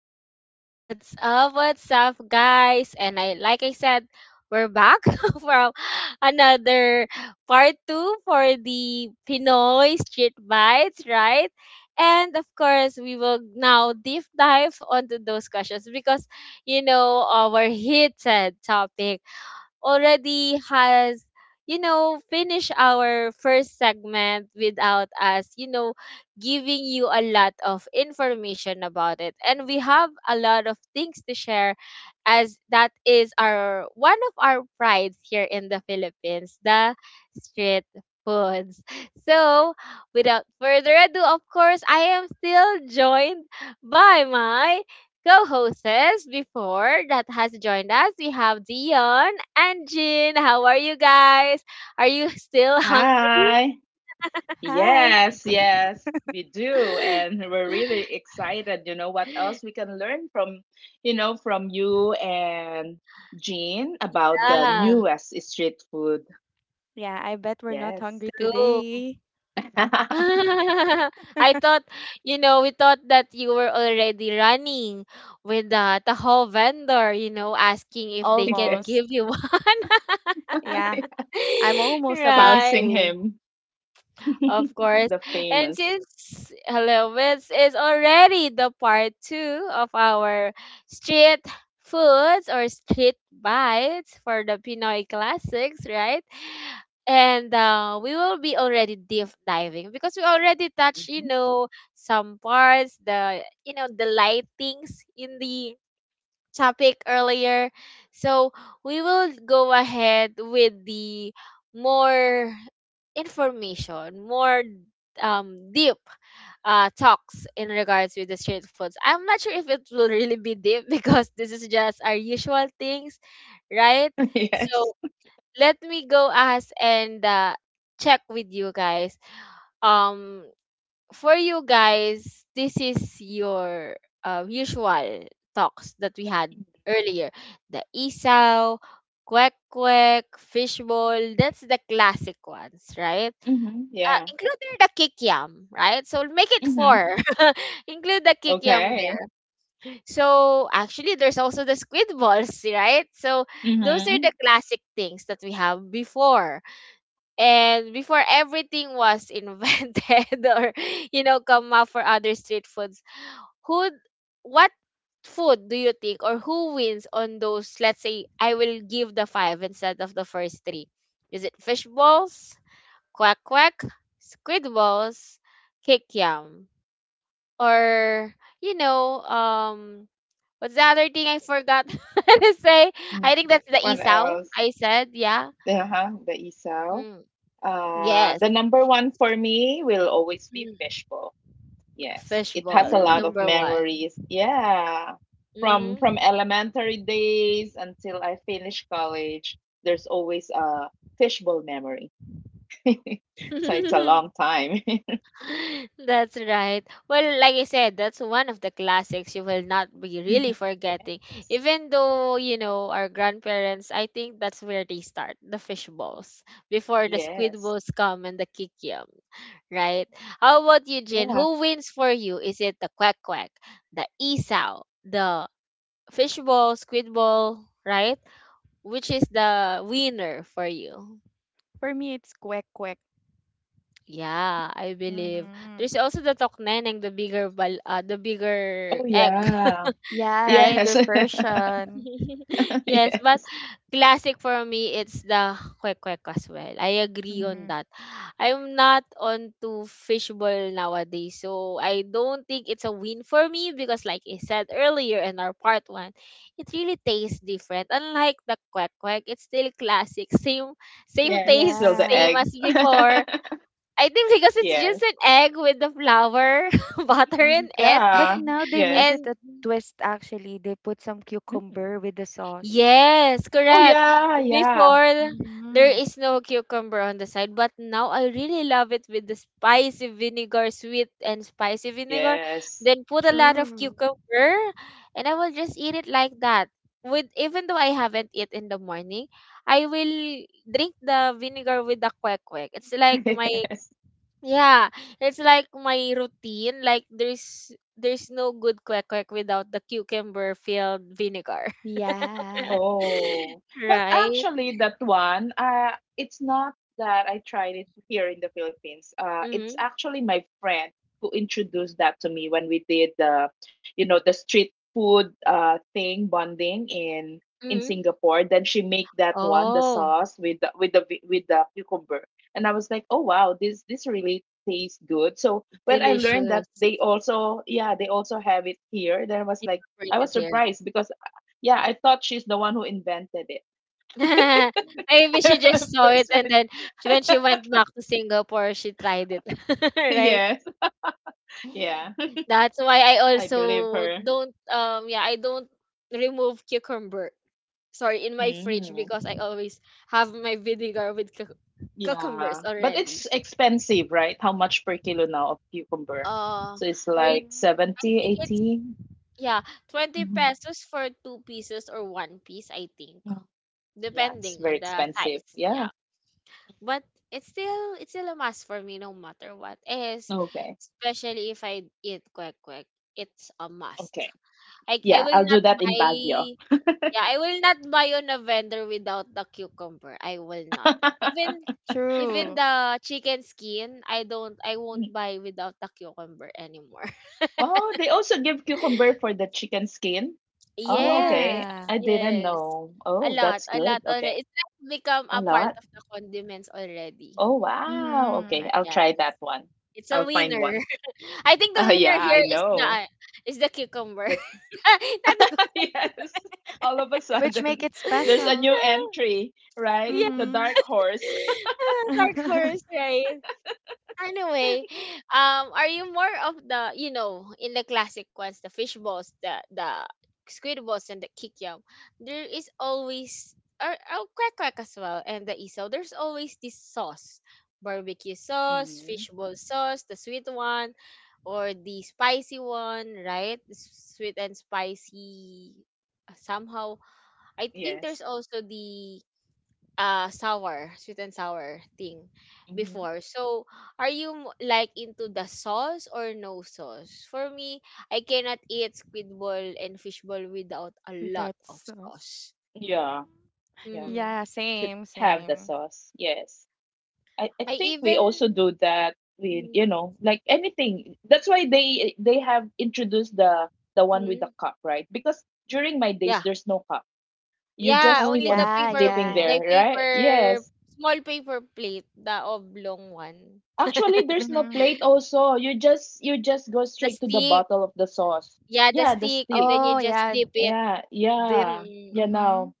again. What's up? What's up, guys? And I like I said, we're back from another part two for the Pinoy Street Bites, right? And of course, we will now deep dive onto those questions because our heated topic already has finished our first segment without us giving you a lot of information about it, and we have a lot of things to share as that is our one of our prides here in the Philippines, the street foods. So without further ado, of course, I am still joined by my co-hosts before that has joined us. We have Dion and Jin. How are you guys? Are you still hungry? Hi. Hi. Yes, yes, we do. And we're really excited. You know what else we can learn from, from you and Jean about the Yeah, newest street food. Yeah, I bet we're not Yes. hungry true. today. I thought, we thought that you were already running with the Tahoe vendor, asking if they can Almost. give you one. Yeah, I'm almost about Right. Chasing to. him, Of course. the And famous. since hello, this is already the part two of our street foods or street bites for the Pinoy classics, right? And we will be already deep diving because we already touched, Mhm. Some parts, the, the lightings in the topic earlier. So we will go ahead with the more information, more deep talks in regards with the street foods. I'm not sure if it will really be deep because this is just our usual things, right? Yes. So let me go ask and check with you guys. Um for you guys, this is your usual talks that we had earlier. The isaw, kwek kwek, fishbowl, that's the classic ones, right? Hmm. Yeah. Including the kikiam, right? So make it Hmm. four. Include the kikiam Okay. there. So actually, there's also the squid balls, right? So those are Hmm. the classic things that we have before and before everything was invented, or come up for other street foods. Who, what food do you think, or who wins on those? Let's say I will give the five instead of the first three. Is it fish balls, quack quack, squid balls, cake yam, or you know um what's the other thing I forgot to say? Hmm. I think that's the What isaw, else? I said. Yeah. Uh-huh. The isaw. Mm, yes. The number one for me will always be Mm. fishbowl. Yes, it has a Fishball, lot Hmm. of No. 1. memories. Yeah, from Hmm. elementary days until I finish college, there's always a fishbowl memory. So it's a long time. That's right. Well, like I said, that's one of the classics you will not be really Mhm. forgetting. Yes, Even though, our grandparents, I think that's where they start the fish balls before the squid yes, balls come and the kikiam, right? How about you, Jin? yeah. Who wins for you? Is it the quack quack, the isaw, the fish ball, squid ball, right? Which is the winner for you? For me, it's quick, quick. Yeah, I believe. Mm-hmm. There's also the tokneneng, the bigger bal the bigger Oh egg, yeah, Yeah, the right? yes, bigger version. Yes, but yes, classic for me it's the kwek-kwek as well. I agree Mhm. on Mm-hmm. that. I'm not onto fishbowl nowadays, so I don't think it's a win for me because like I said earlier in our part one, it really tastes different. Unlike the kwek-kwek, it's still classic. Same yes. It's still taste, the Yeah. same as eggs. before. I think because it's Yes, just an egg with the flour, butter Mm-hmm. in it. But yeah, now they made yes. it And a twist, actually. They put some Mm. cucumber with the sauce. yes, Oh correct. yeah, yeah. Before there Mm-hmm. is no cucumber on the side, but now I really love it with the spicy vinegar, sweet and spicy vinegar. Yes. Then put a lot of True. cucumber and I will just eat it like that. With even though I haven't eat in the morning, I will drink the vinegar with the kwek kwek. It's like my— Yes. Yeah, it's like my routine. Like there's no good kwek kwek without the cucumber filled vinegar. Yeah. Oh, but Right? actually, that one, it's not that I tried it here in the Philippines. It's Mm-hmm. actually my friend who introduced that to me when we did the, the street food thing bonding in Mm-hmm. Singapore. Then she make that one, the Oh, sauce with the with the cucumber, and I was like, oh wow, this really tastes good. So when I learned that delicious. they also, yeah, they also have it here, then I was like. I was Incorporated here. surprised because yeah, I thought she's the one who invented it. Maybe she just saw it First, and right? then when she went back to Singapore, she tried it. Right? Yes. Yeah. That's why I I believe also her. don't yeah, I don't remove cucumber, sorry, in my fridge Mm. because I always have my vinegar with Yeah. cucumbers But it's already. expensive, right? How much per kilo now of cucumber? Uh, So it's I, like re- Mm, I 70, think it's 80. yeah, 20 Mhm. pesos for two pieces or one piece, I think, Mm. Yeah, depending it's on very the expensive. size. Yeah. Yeah. But it's still a must for me no matter what. Is Okay. especially if I eat quick quick, it's a must. Okay. I Yeah, will I'll do not that in buy— Baguio. Yeah, I will not buy on a vendor without the cucumber. I will not. Even even true. the chicken skin, I won't Mm. buy without the cucumber anymore. Oh, they also give cucumber for the chicken skin. Oh, Yes. okay. Yeah. I didn't Yes. know. Oh, that's A lot good. Okay. already. It's like become A a part lot. of the condiments already. Oh, wow. Okay, Mm-hmm. I'll Yes. try that one. It's a I'll find winner. one. I think the yeah, winner here I is know. The cucumber. But Not the, yes, all of a Which make sudden, it there's a new special. entry, right? yeah. The Mm-hmm. dark horse. Dark horse, right? Anyway, are you more of the in the classic ones, the fish balls, the squid balls, and the kikyam? There is always— or oh, quack quack as well, and the isaw. There's always this sauce, barbecue sauce, Hmm. fish ball sauce, the sweet one, or the spicy one, right? The sweet and spicy somehow. I think there's Yes. also the sour, sweet and sour thing Hmm. before. So are you like into the sauce or no sauce? For me, I cannot eat squid ball and fish ball without a lot Without of sauce. sauce. Yeah, Mm-hmm. yeah. Hmm. Yeah, Should same, have the same. sauce. Yes. I I think we even— also do that with, like anything. That's why they have introduced the one Mhm. with the cup, right? Because during my Yeah, days, there's no cup. You yeah, just Oh keep only the on yeah, dipping yeah. there, the right? paper, Yes, small paper plate, the oblong one. actually there's no Mm-hmm. plate also, you just go The straight to the stick, bottle of the sauce. yeah, the Yeah, the stick, and stick. then you Oh just yeah, dip it. Yeah, dip. yeah, Mm-hmm. yeah. Mm-hmm. Now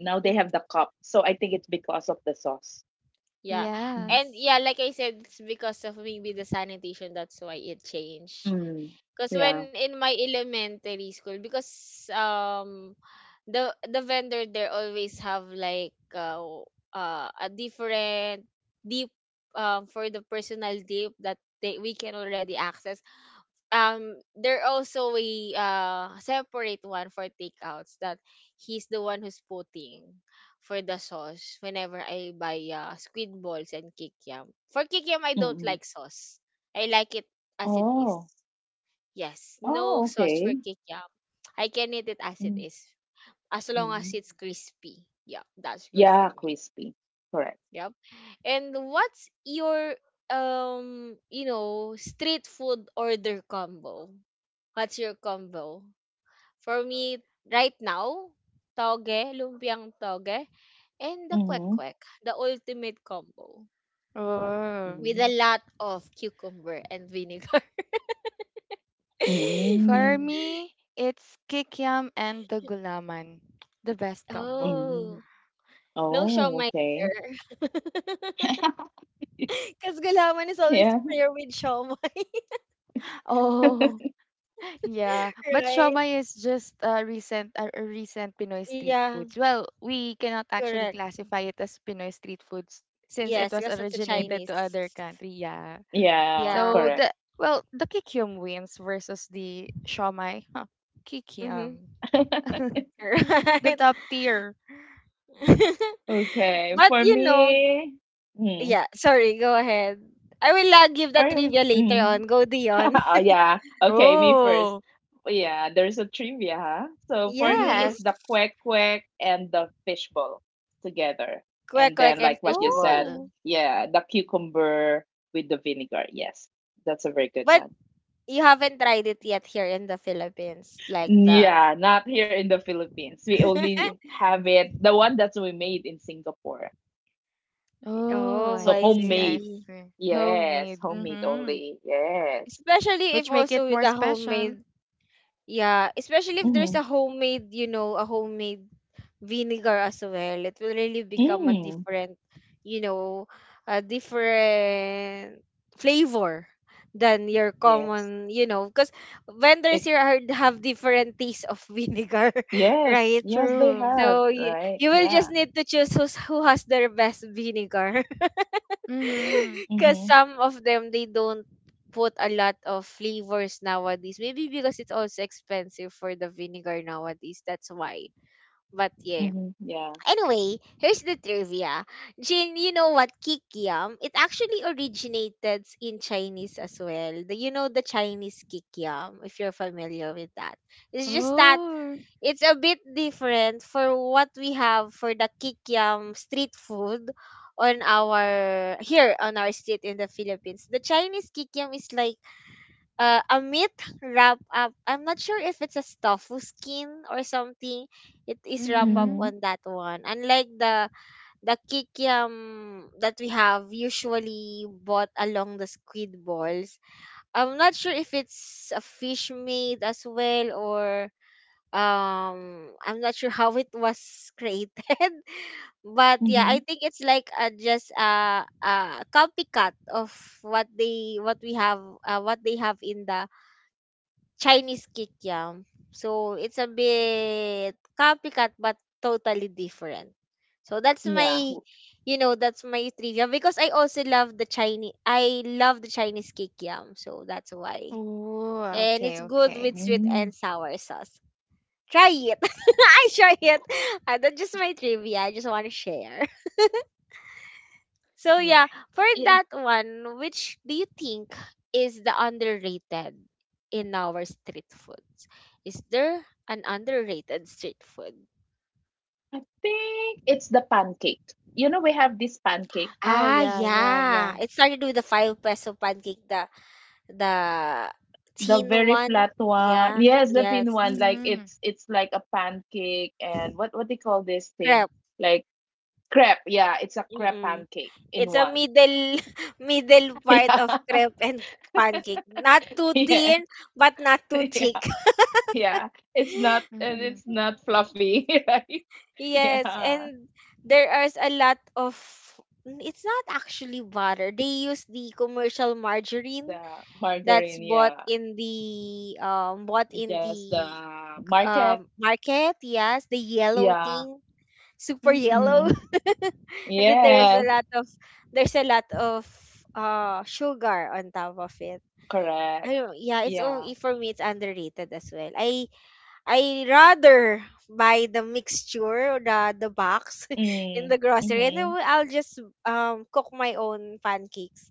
they Mm-hmm. have the cup, so I think it's because of the sauce. Yeah. Mm, And Yes. yeah, like I said, it's because of maybe the sanitation, that's why it changed. mm, Because when yeah. in my elementary school, because the vendor there always have like a different deep for the personal deep that they, we can already access. There also a separate one for takeouts that he's the one who's putting for the sauce whenever I buy squid balls and kikiam. For kikiam I Mm, don't mm. like sauce. I like it as it is. Oh. Yes, no Oh, sauce for okay. kikiam. I can eat it as it Mm, is as long as mm. it's crispy. Yeah, that's good for Yeah, me. crispy. Correct. Yep. And what's your street food order combo? What's your combo? For me, right now, toge, lumpiang toge, and the Mm-hmm. kwek-kwek, the ultimate combo Oh. with a Mm. lot of cucumber and vinegar. For Mm. me, it's kikiam and the gulaman. The best combo. Mm. Oh, no Oh, siomay okay. there. Because gulaman is always Yeah. prayer with siomay, Oh, yeah, but right? shawmai is just a recent a recent Pinoy street Yeah, foods. Well, we cannot actually correct. classify it as Pinoy street foods since it Yes, was because that's a Mm. originated Chinese. to other country. Yeah. Yeah, Yeah. So correct. the, well, the kikium wins versus the shawmai. Huh, Mm-hmm. kikium. The Right. top tier. Okay, But for me, mm, yeah, sorry, go ahead. I will give the for you, trivia later mm. on. Go Dion. Oh, yeah. Okay, me first. Oh. Yeah, there's a trivia, huh? So for me, Mhm. it's Yes. the quack quack and the fishbowl together. Quack And quack then, and like what you said, fishball. Oh. yeah, the cucumber with the vinegar. Yes, that's a very good But one. you haven't tried it yet here in the Philippines. Like the— Yeah, not here in the Philippines. We only have it, the one that we made in Singapore. Oh, Oh, So I I see. I homemade. see. see. Yes, Homemade. homemade Mhm. only. Yes. Especially if Which make it also with more the special. homemade— Yeah, especially if there's Mm-hmm. a homemade, a homemade vinegar as well. It will really become a Mm. different, you know, a different flavor than your Yes. common, because vendors It here are, have different tastes of vinegar, yes, right? yes they True. have, So you, right? you will just Yeah. need to choose who's, who has their best vinegar Mhm. because Mm-hmm. some of them they don't put a lot of flavors nowadays. Maybe because it's also expensive for the vinegar nowadays. That's why. But yeah. Mm-hmm. Yeah. Anyway, here's the trivia. Jin, you know what kikiam? It actually originated in Chinese as well. The, you know, the Chinese kikiam, if you're familiar with that. It's just that Oh, it's a bit different for what we have for the kikiam street food on our here on our street in the Philippines. The Chinese kikiam is like a meat wrap up. I'm not sure if it's a tofu skin or something. It is wrap up mm-hmm. Mm-hmm. on that one. Unlike the kikiam that we have usually bought along the squid balls. I'm not sure if it's a fish made as well, or I'm not sure how it was created. But yeah, I Mm-hmm. think it's like just a copycat of what we have, what they have in the Chinese kikyam. So it's a bit copycat, but totally different. So that's Yeah. my— that's my trivia, because I also love the Chinese— I love the Chinese kikyam. So that's why. Oh, And okay, it's good okay. with sweet Mm. and sour sauce. Try it. I try it. That's just my trivia. I just want to share. So Yeah. yeah, for It, that one, which do you think is the underrated in our street foods? Is there an underrated street food? I think it's the pancake. You know, we have this pancake, Oh, Ah, yeah, yeah, yeah. yeah. It started with the 5-peso pancake, the the the teen very one. flat one. Yeah. Yes, the thin Yes. one. Like Mm-hmm. it's like a pancake and what they call this thing? Crap. Like crepe. Yeah, it's a crepe pancake in It's a one. middle middle part of Yeah. crepe and pancake. Not too Yes. thin, but not too thick. Yeah, yeah. It's not and it's Mm-hmm. not fluffy, right? Yes, Yeah. and there are a lot of n- it's not actually butter. They use the commercial margarine The that's margarine, yeah. Bought in the Just the market. Market. Yes, the yellow Yeah. thing, super Mm-hmm. yellow. Hmm. And then Yes, there's a lot of sugar on top of it. I correct. don't, yeah, it's only Yeah. for me. It's underrated as well. I rather buy the mixture, or the box, in the Mm. grocery, and then Mm-hmm. I'll just cook my own pancakes.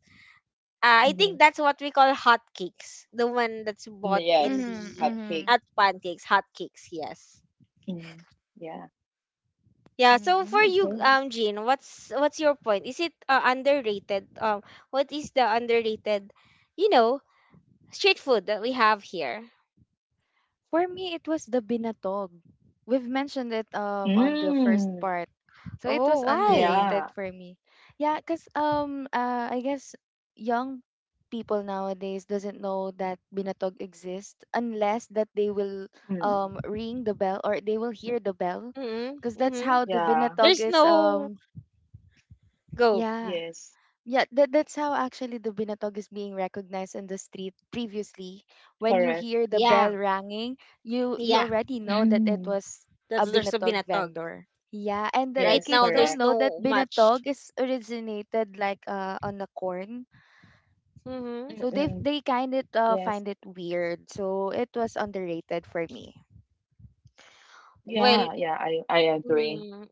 I think Mm-hmm. that's what we call hot cakes. The one that's bought in Yes. Mm-hmm. the, Hot Mm-hmm. not cake. pancakes, hot cakes. Yes. Mm. Yeah. Yeah. So for you, Mm-hmm. Okay. Jean, what's your point? Is it underrated? What is the underrated? You know, Street food that we have here. For me, it was the binatog. We've mentioned it on the first Mm. part. So it Oh, was why? underrated Yeah. for me. Yeah, cuz I guess young people nowadays doesn't know that binatog exists unless that they will Mm. ring the bell or they will hear the bell Mm, cuz that's mhm. how the Yeah. binatog There's is no go. yeah, Yes. yeah, that that's how actually the binatog is being recognized in the street previously. When you hear Correct. the Yeah, bell ringing, you yeah. already know that it was Mm. a That's there's a binatog binatog. vendor. Yeah, and the Right kids now, Yes, don't there's know correct. that no much. binatog is originated like on the corn. Mhm. So they Mm-mm. they kind of find Yes. it weird. So it was underrated for me. Well, Yeah, yeah, I agree. mm,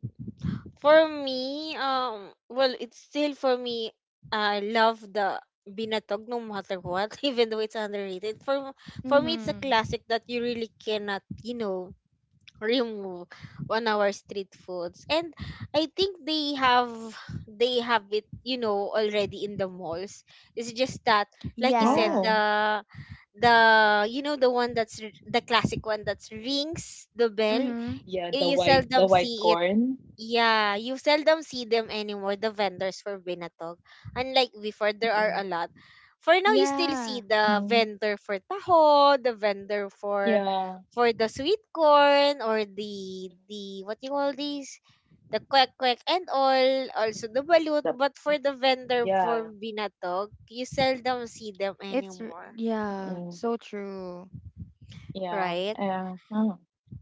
for me, well, it's still for me. I love the binatog no matter what, even though it's underrated. For me, it's a Mhm. classic that you really cannot, remove on our street foods. And I think they have it, you know, already in the malls. It's just that, like you said, Yeah. Oh, the you know the one the classic one that's rings the bell. Mhm. yeah, the You white seldom see it. corn. Yeah, you seldom see them anymore, the vendors for Binatog. Unlike before, there are a Mm-mm. lot. For now, you still see Yeah. the Mm, vendor for taho, the vendor for yeah. for the sweet corn, or the what you call these, the kwek kwek, and all Mm. also the balut. The But for the vendor for yeah. binatog, you seldom see them anymore. Yeah, Mm-mm. so true. Yeah. Right, Yeah. Huh.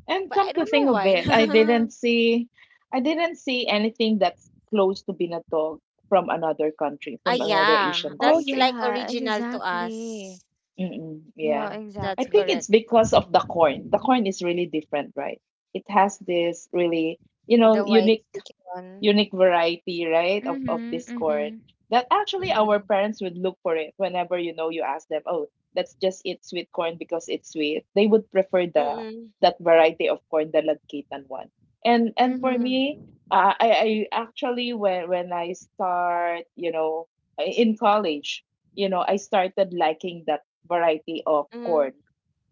And but I come to don't think know of why. it, I didn't see anything that's close to binatog from another country, from another yeah, Asian Oh that's country. like yeah, original to exactly. us. Mm-mm. Yeah, Yeah. I That's think exactly. correct. it's because of the corn. The corn is really different, right? It has this really, The white unique sticky one. Variety, right, of, Mm-hmm, this corn mm-hmm, that actually our Mm-mm. parents would look for it whenever you know you ask them, oh, let's just eat sweet corn because it's sweet. They would prefer the Mm-mm. that variety of corn, the lagkitan one. And for me, mm-hmm, I actually when I start, you know, in college, you know, I started liking that variety of corn Mm-mm.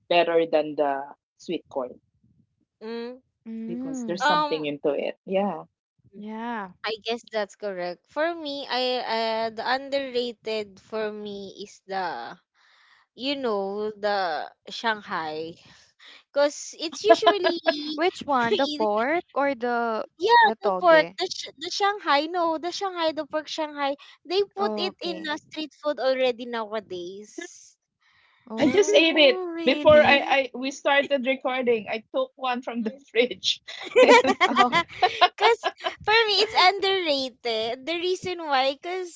better than the sweet corn Mm. because mm. there's Um, something into it. Yeah. Yeah. I guess that's correct. For me, I the underrated for me is the you know the Shanghai because it's usually. Which one? The pork or the Yeah, the the pork, toge? The Shanghai, no, the Shanghai, the pork Shanghai. They put it in Okay. a street food already nowadays. I just ate it Oh, before really? I we started recording. I took one from the fridge. Oh. Cause for me it's underrated. The reason why, cause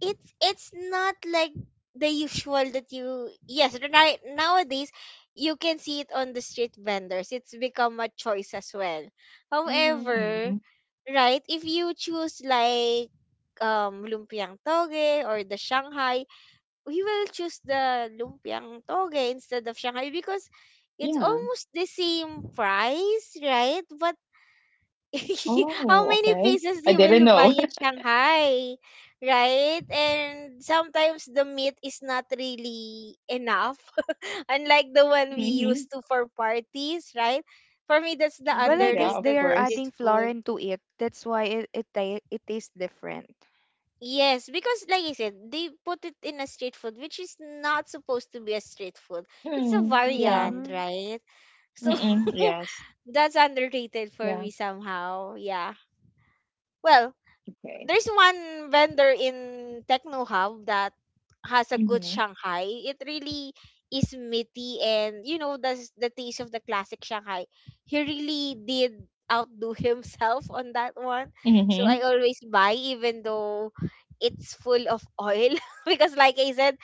it's not like the usual that you, yes, right, nowadays you can see it on the street vendors. It's become a choice as well. Mm-hmm. However, Mhm. right, if you choose like lumpiang toge or the Shanghai, we will choose the lumpiang toge instead of Shanghai because it's Yeah. almost the same price, right? But how Oh, many okay. pieces I you didn't will buy know. in Shanghai, right? And sometimes the meat is not really enough, unlike the one we Hmm. used to for parties, right? For me, that's the Well, Hmm. I Yeah, guess of they underrated are course. street adding food. florin to it. That's why it tastes different. Yes, because like I said, they put it in a street food, which is not supposed to be a street food. It's a Mm, yeah. variant, Mm-hmm. right? So Mm-mm, Mm-hmm. yes. that's underrated for Yeah. me somehow. Yeah. Well, Okay. there's one vendor in Techno Hub that has a good Mm-hmm. Shanghai. It really is meaty, and you know the taste of the classic Shanghai. He really did outdo himself on that one. So Mm-hmm. I always buy even though it's full of oil, because like I said,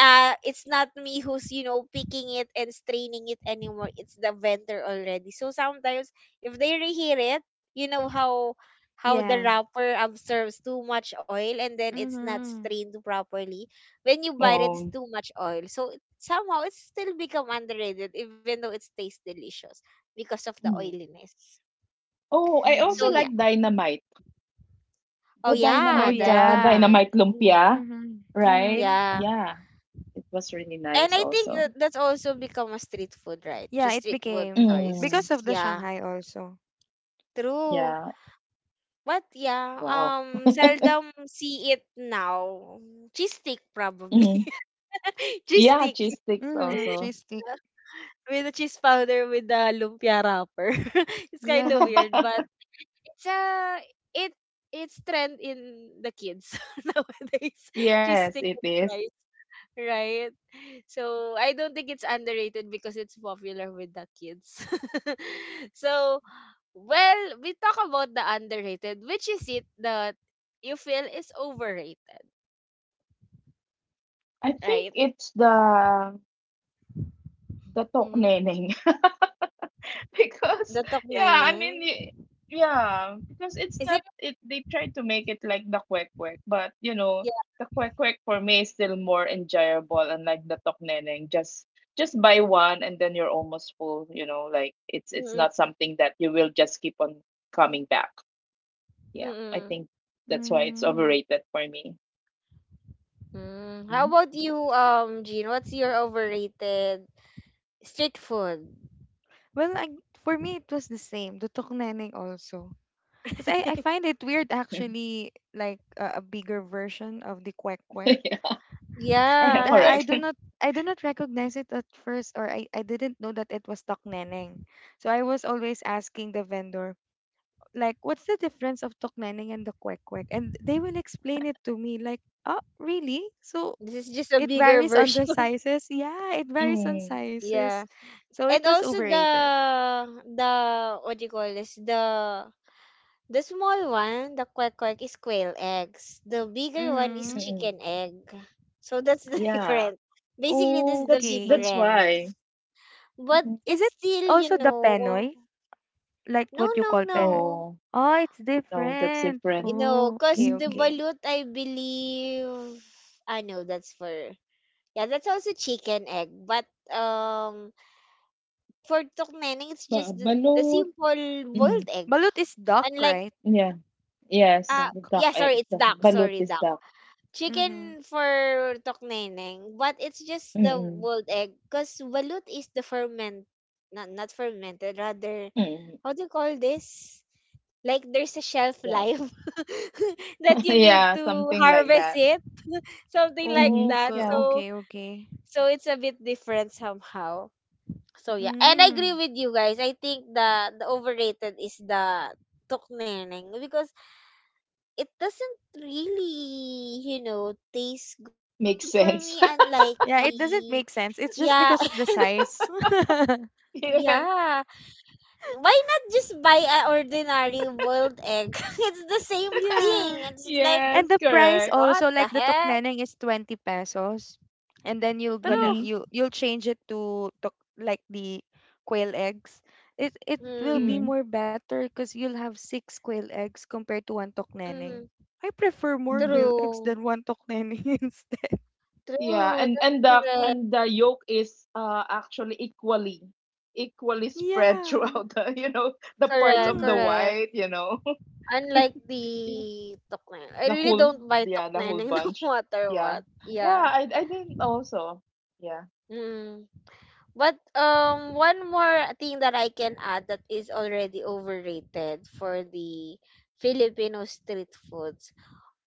it's not me who's, you know, picking it and straining it anymore. It's the vendor already. So sometimes if they reheat it, you know how the Yeah. wrapper absorbs too much oil, and then it's not Mm-hmm. strained properly. When you bite it, it's Oh. too much oil. So it, somehow it's still become underrated even though it tastes delicious because of the Mm. oiliness. Oh, I also So yeah. like Mm-hmm. dynamite. Oh The Oh yeah, dynamite, yeah. Dynamite. Mm. lumpia, Mm-hmm. right? Mm-hmm. Yeah. Yeah, it was really And nice I think also. that that's also become a street food, right? Yeah, Just it street food became choice. Mm, because of the Yeah, Shanghai also. true. yeah. But yeah, Wow. Seldom see it now. Cheese stick probably. Cheese Yeah, stick cheese sticks Mm-hmm. also. Cheese. with the cheese powder, with the lumpia wrapper. It's kind of Yeah. weird, but it's a it it's trend in the kids nowadays. Cheese Yes, stick, it is. right? So I don't think it's underrated because it's popular with the kids. So well, we talk about the underrated, which is it that you feel is overrated, I think right? it's the Mm-hmm. tokneneng because The yeah, I Toknaining. mean because it's Is it? not it they try to make it like the kwek kwek, but you know, Yeah. the kwek kwek for me is still more enjoyable unlike the tokneneng. Just buy one and then you're almost full, you know, like it's Mm-mm. not something that you will just keep on coming back. Yeah, I Mm-mm. think that's why it's Mm-hmm. overrated for me. Mm. How about Mhm. you, Jean? What's your overrated street food? Well, I, for me, it was the same. The tukneneng also. Because I find it weird actually, like a bigger version of the kwek kwek. Yeah, yeah, And Yeah, cause correct. I do not recognize it at first, or I didn't know that it was tukneneng. So I was always asking the vendor, like, what's the difference of tukneneng and the kwek kwek? And they will explain it to me, like, oh, really? So this is just a it bigger varies on version. the sizes. Yeah, it varies on Mm, sizes. Yeah. So it And was also overrated. the, what do you call this, the small one, the quack quack is quail eggs, the bigger one is Mm-hmm. mm. chicken egg. So that's the Yeah, difference. Basically that's the that's Okay. Difference. why. But Mhm. Is it's it still, also the Penoy? Like no, what you no, call Penoy? no. No, Oh, it's no, that's different. Different. Oh, Because okay, the Mm, okay. balut, I believe I know that's for, yeah, that's also chicken egg. But um for Tukneneng, it's ba just the balut. simple Mm, boiled egg, Balut is duck, unlike. right? yeah, yes, Uh, the Duck. duck yeah, egg. sorry, it's The duck. balut Sorry, is duck. duck. Mm-hmm. Chicken for tokneneng, but it's just the Mm-mm. boiled egg. Cause balut is the ferment, not fermented, rather. Mm-mm. How do you call this? Like there's a shelf Yeah, life, that you need yeah, to something like harvest that. it, something like Mm-hmm. that. Okay, Yeah, So okay, okay. so it's a bit different somehow. So yeah, and I agree Mm. with you guys. I think the overrated is the tokneneng because it doesn't really, taste good for makes me. sense. Unlike Yeah, it the, doesn't make sense. It's yeah, just because of the size. Yes, yeah. Why not just buy an ordinary boiled egg? It's the same Yeah. thing. It's like, yes, And the price correct. what also, like the the heck? tokneneng is 20 pesos, and then you're gonna True. Mm-hmm. you'll change it to tok, like the quail eggs. It will be Mm, Mm-hmm. more better because you'll have six quail eggs compared to one tokneneng. mm, I prefer more Mm-hmm. quail eggs true. than one tokneneng instead. Yeah, True. That's and correct. The yolk is actually equally spread Yeah. throughout the you know the parts Correct. of the Mm. Correct. white, you know. Yeah, I The really whole don't buy yeah, the whole tokneneng no bunch. matter Yeah. what. Yeah, Yeah. I didn't also. Yeah. Mm. But one more thing that I can add that is already overrated for the Filipino street foods.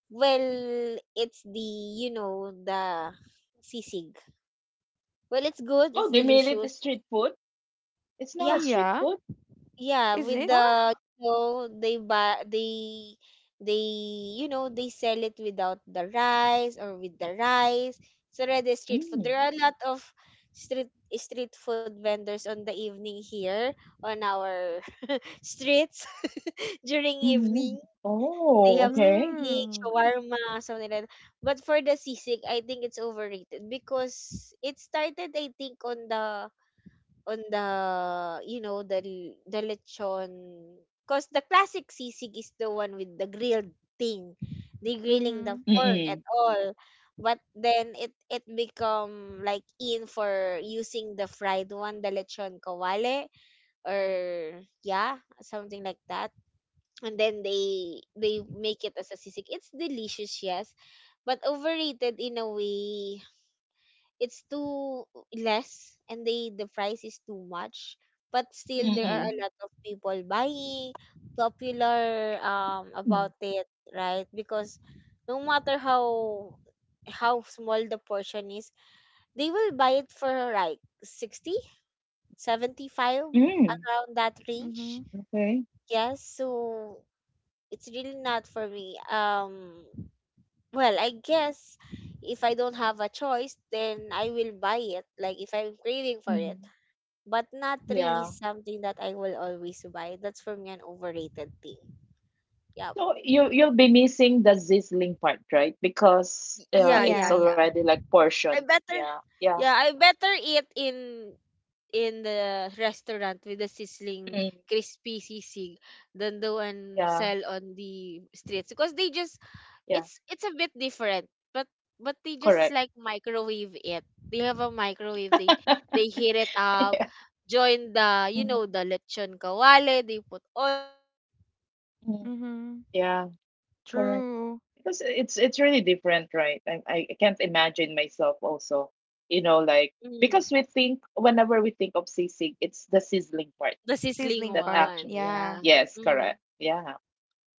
Well, it's the sisig. Well, it's good, it's Oh, they made it a delicious. street food? It's now Yeah, a street Yeah. food? Yeah, Is with it? the, Ah. They buy, they they sell it without the rice or with the rice. It's already street food. Mm. There are a lot of street food vendors on the evening here on our streets, during evening. Mm-hmm. They have Oh, okay. sisig, Mm. shawarma, something like that. But for the sisig, I think it's overrated because it started, I think, on the on the the lechon. Cause the classic sisig is the one with the grilled thing, the grilling Mm-hmm. the pork and Mm-mm. all. But then it become like, in, for using the fried one, the lechon kawale, or yeah, something like that. And then they make it as a sisig. It's delicious, yes, but overrated in a way. It's too less, and the price is too much. But still, there are Mm-mm. a Mm-hmm. lot of people buying, popular about Mm. it, right? Because no matter how small the portion is, they will buy it for like 60, 75, Mm. around that Mm-hmm. range. Okay. Yes, so it's really not for me. Well, I guess if I don't have a choice, then I will buy it. Like if I'm craving for it, Mm-hmm. but not really Yeah. something that I will always buy. That's for me an overrated thing. Yep. So you you'll be missing the sizzling part, right? Because Yeah, yeah, it's Yeah. yeah. already like I portion. better, Yeah, yeah, yeah, I better eat in the restaurant with the sizzling Mm. crispy sisig than the one yeah, sell on the streets because they just, yeah. it's a bit different. But but they just Correct. like microwave it. They have a microwave. They heat it up, Yeah. join the you know Mhm. the lechon kawale, they put onions, they put chili, and there, Mhm. there's this Mm-hmm. sauce Yeah, they put, correct. and then True. they will Because just it's really microwave. different, right? I can't Yeah, imagine myself also, you know, like mm, because we think whenever we think of sisig, it's the sizzling part the sizzling Sizzling that part. one, actually. yeah. Yeah. Yes, Mm. correct. Yeah.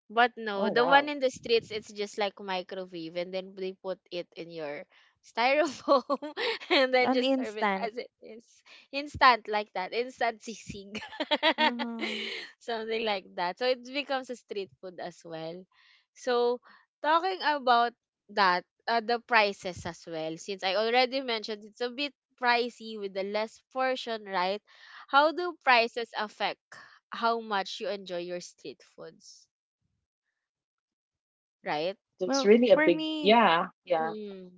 But no, Oh the one wow, in the streets, it's just like microwave, and then they put it in your styrofoam, and then An just serve it instant. as it is, instant like that, instant sisig, Mm-hmm. something like that. So it becomes a street food as well. So talking about that, the prices as well. Since I already mentioned, it's a bit pricey with the less portion, right? How do prices affect how much you enjoy your street foods, right? that's Well, really a for big. me, Yeah, yeah, Mm.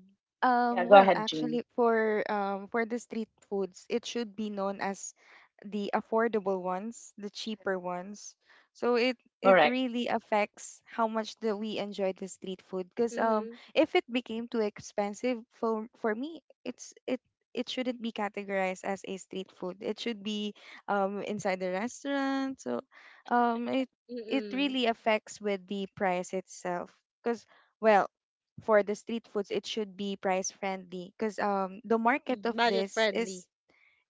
yeah. Go well, ahead, Jean. actually, for the street foods, it should be known as the affordable ones, the cheaper ones. So it Correct. really affects how much that we enjoy the street food. Because Mhm. if it became too expensive for me, it shouldn't be categorized as a street food. It should be inside the restaurant. So um, it it Mm. really affects with the price itself. Because, well, for the street foods, it should be price friendly because the market Mm. of Budget this friendly. is,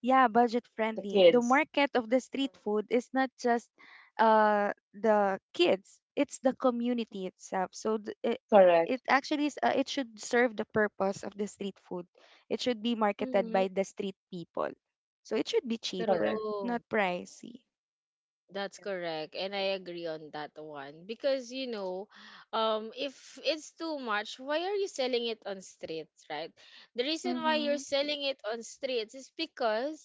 yeah, budget The friendly. The kids. market of the Yeah, street food is not just the kids; it's the community itself. So it correct, actually is, it should serve the purpose of the street food. It should be marketed Mhm. by the street people, so it should be cheaper, correct. True. not pricey. That's Yeah. correct. And I agree on that one because, if it's too much, why are you selling it on streets, right? The reason why you're Mhm. selling it on streets is because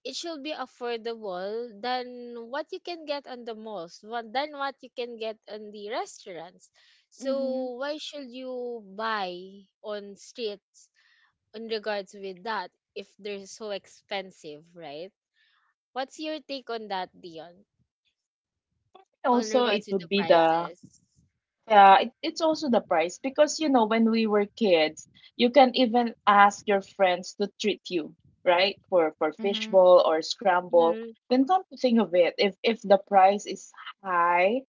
it should be affordable than what you can get on the malls, what than what you can get on the restaurants. Mhm. So why should you buy on streets in regards with that if they're so expensive, right? What's your take on that, Dion? On Also, it regards with would the be the prices? yeah. It's also the price because you know when we were kids, you can even ask your friends to treat you right for Mhm. fishbowl or scramble. Mm-hmm. Then come to think of it, if the price is high,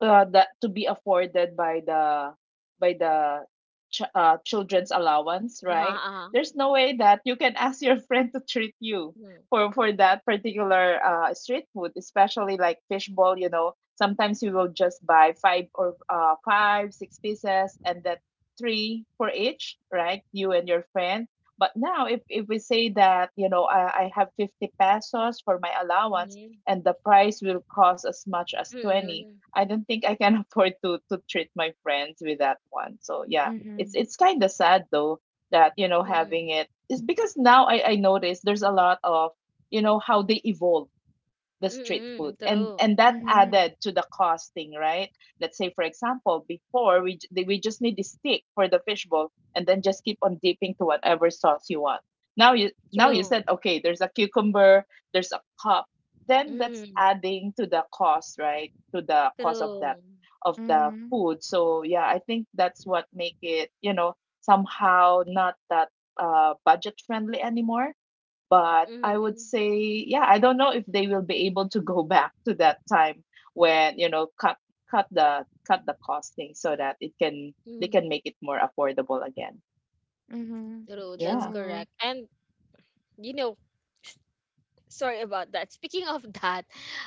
that to be afforded by the by the children's allowance, Uh-huh, right? uh-huh. There's no way that you can ask your friend to treat you Mm-hmm. for that particular street food, especially like fishball. You know, sometimes you will just buy five or 5 6 pieces and that three for each, right, you and your friend. But now, if, we say that you know I have 50 pesos for my allowance and the price will cost as much as Mm-hmm. 20, Mm-hmm. I don't think I can afford to treat my friends with that one. So yeah, it's Mhm. Kind of sad though that you know Mm-hmm. having it is because now I notice there's a lot of, you know, how they evolve the street food, Mm-hmm. and True. That Mhm. added to the costing, right? Let's say for example before we just need the stick for the fishbowl and then just keep on dipping to whatever sauce you want. Now, you now you True. said True. okay there's a cucumber, there's a cup, then that's Mm-hmm. adding to the cost, right, to the cost of that True. of the Mhm. food. So yeah, I think that's what make it, you know, somehow not that budget friendly anymore. But I would Mm-hmm. say, yeah, I don't know if they will be able to go back to that time when, you know, cut the costing so that it can they Mm-hmm. can make it more affordable again. Mhm. True. That's Yeah. True. correct. And, you know, sorry about that. Speaking of that,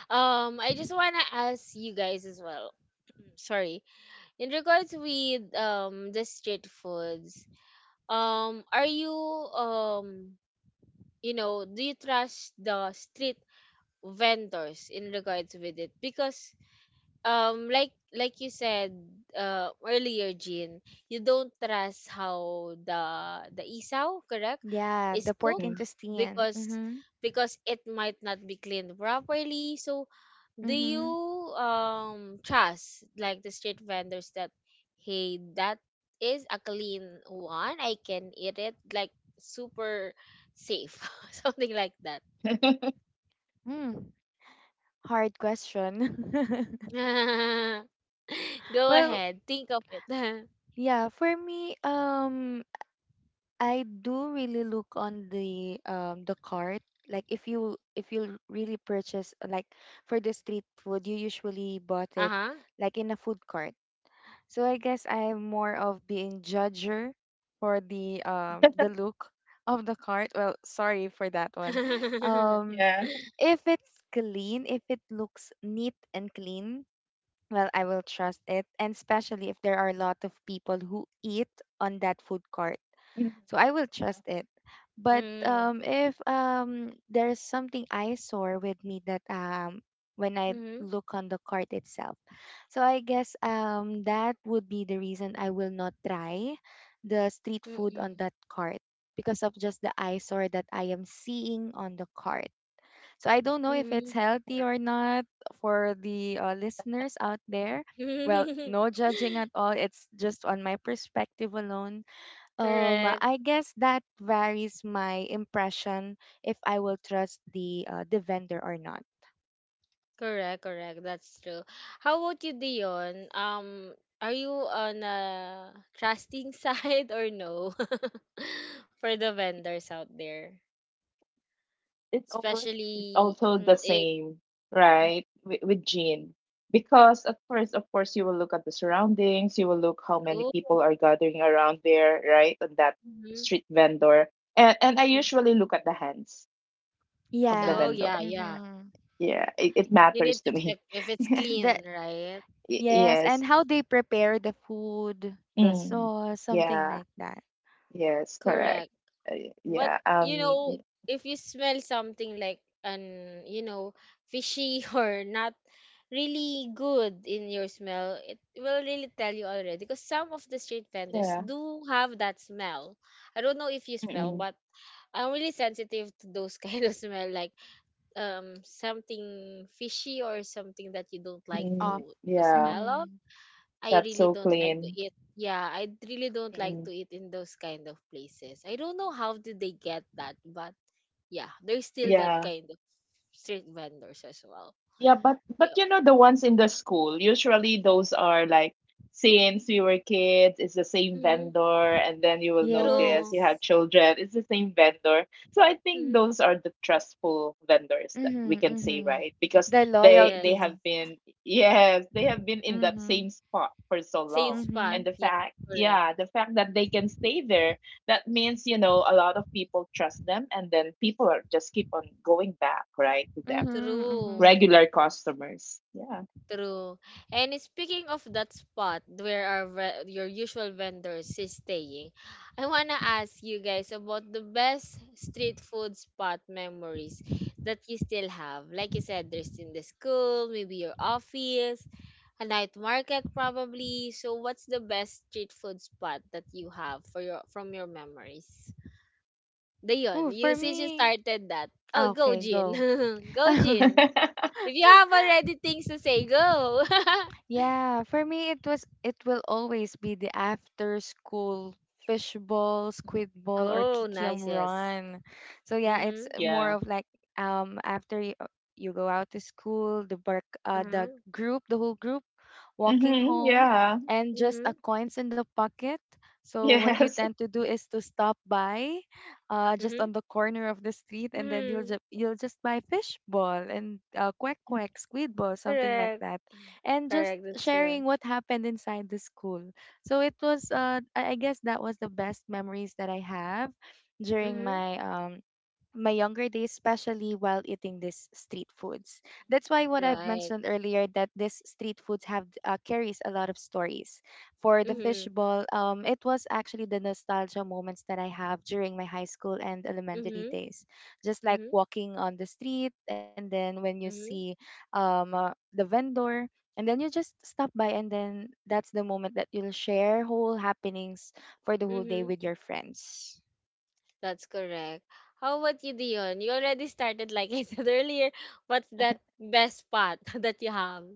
I just want to ask you guys as well. Sorry, in regards with the street foods, are you, you know do you trust the street vendors in regards with it? Because like you said earlier, Jean, you don't trust how the isaw, correct, Yeah, is the cooked pork Mm. intestine. because Mhm. It might not be cleaned properly. So do you Mhm. Trust like the street vendors that, hey, that is a clean one, I can eat it like super safe, something like that? Mm, hard question. Go Well, ahead, think of it. yeah, for me, I do really look on the cart. Like if you really purchase like for the street food, you usually bought it Uh-huh. like in a food cart. So I guess I'm more of being judger for the look of the cart. Well, sorry for that one. Um. Yeah. If it's clean, if it looks neat and clean, well, I will trust it. And especially if there are a lot of people who eat on that food court. Mhm. So I will Yeah. trust it. But Mm. If there's something eyesore with me that when I Mm-hmm. look on the cart itself. So I guess that would be the reason I will not try the street food on Mm-mm. that cart because of just the eyesore that I am seeing on the cart. So I don't know if Mm-hmm. it's Correct. healthy or not for the listeners out there. Well, no judging at all. It's just on my perspective alone. Correct. I guess that varies my impression if I will trust the vendor or not. Correct. Correct. That's true. How about you, Dion? Are you on a trusting side or no for the vendors out there, It's always it's especially also the same, mm, right? With, Jean. mm, Because at first, of course, you will look at the surroundings, you will look how many true. people are gathering around there, right? And that Mhm, street vendor. And I mm. usually look at the hands of the Oh Yeah. vendor. yeah, yeah. Mm-hmm. Yeah, it You need matters to to check me. if it's clean, That, right? Yes, and Yes. how they prepare the food, the Mm. sauce, something Yeah. like that. Yes. Correct. Correct. Uh, But yeah. you know, if you smell something like an you know fishy or not really good in your smell, it will really tell you already, because some of the street vendors Yeah. do have that smell. I don't know if you smell, Mm-mm. but I'm really sensitive to those kind of smell, like something fishy or something that you don't like Mm. Off. to Yeah. smell of. Mm-hmm. I That's really so don't like to clean. eat. Yeah, I really don't like Mm. to eat in those kind of places. I don't know how did they get that, but yeah, there's still that Yeah. kind of street vendors as well. Yeah, but Yep. you know the ones in the school, usually those are like since we were kids, it's the same Mm-hmm. vendor, and then you will notice True. you Yes. have children, it's the same vendor. So I think Mm-hmm. those are the trustful vendors that we Mm-hmm. can say, Mm-hmm. right? Because The they Yes. loyalty. have been yes, they have been in that Mm-hmm. same spot for so Same long. spot. And Mhm. the Yes, fact, correct. yeah, the fact that they can stay there, that means, you know, a lot of people trust them and then people are just keep on going back, right, to them Mhm, mhm. True. regular customers. Yeah. True. And speaking of that spot where our your usual vendors is staying, I wanna ask you guys about the best street food spot memories that you still have. Like you said, there's in the school, maybe your office, a night market probably. So what's the best street food spot that you have for your from your memories? Dayon, Ooh, you for since you me, started that. Oh, ah, go okay, Jin. go. Go Jin. If you have already things to say, go. Yeah, for me, it was, it will always be the after school fishbowl, squid ball, or Oh, kikiam nice. Yes. run. So yeah, it's Mhm. more yeah. of like after you, you go out to school, the bark the Mhm. group, the whole group walking hmm home Yeah. and just a Mhm. coins in the pocket. So what Mhm. you Yes. tend to do is to stop by just Mhm. on the corner of the street, and then Mhm. You'll just buy fish ball and quack quack, squid ball, something like Correct. that, and just Correct. That's sharing true. what happened inside the school. So it was, I guess that was the best memories that I have during Mhm. my my younger days, especially while eating these street foods. That's why what I've Right. mentioned earlier, that this street foods have carries a lot of stories. For the Mhm. fishbowl, it was actually the nostalgia moments that I have during my high school and elementary Mhm. days. Just like Mhm. walking on the street, and then when you see Mhm. The vendor. And then you just stop by, and then that's the moment that you'll share whole happenings for the whole day Mhm. with your friends. That's correct. How about you, Dion? You already started, like I said earlier. What's that best spot that you have?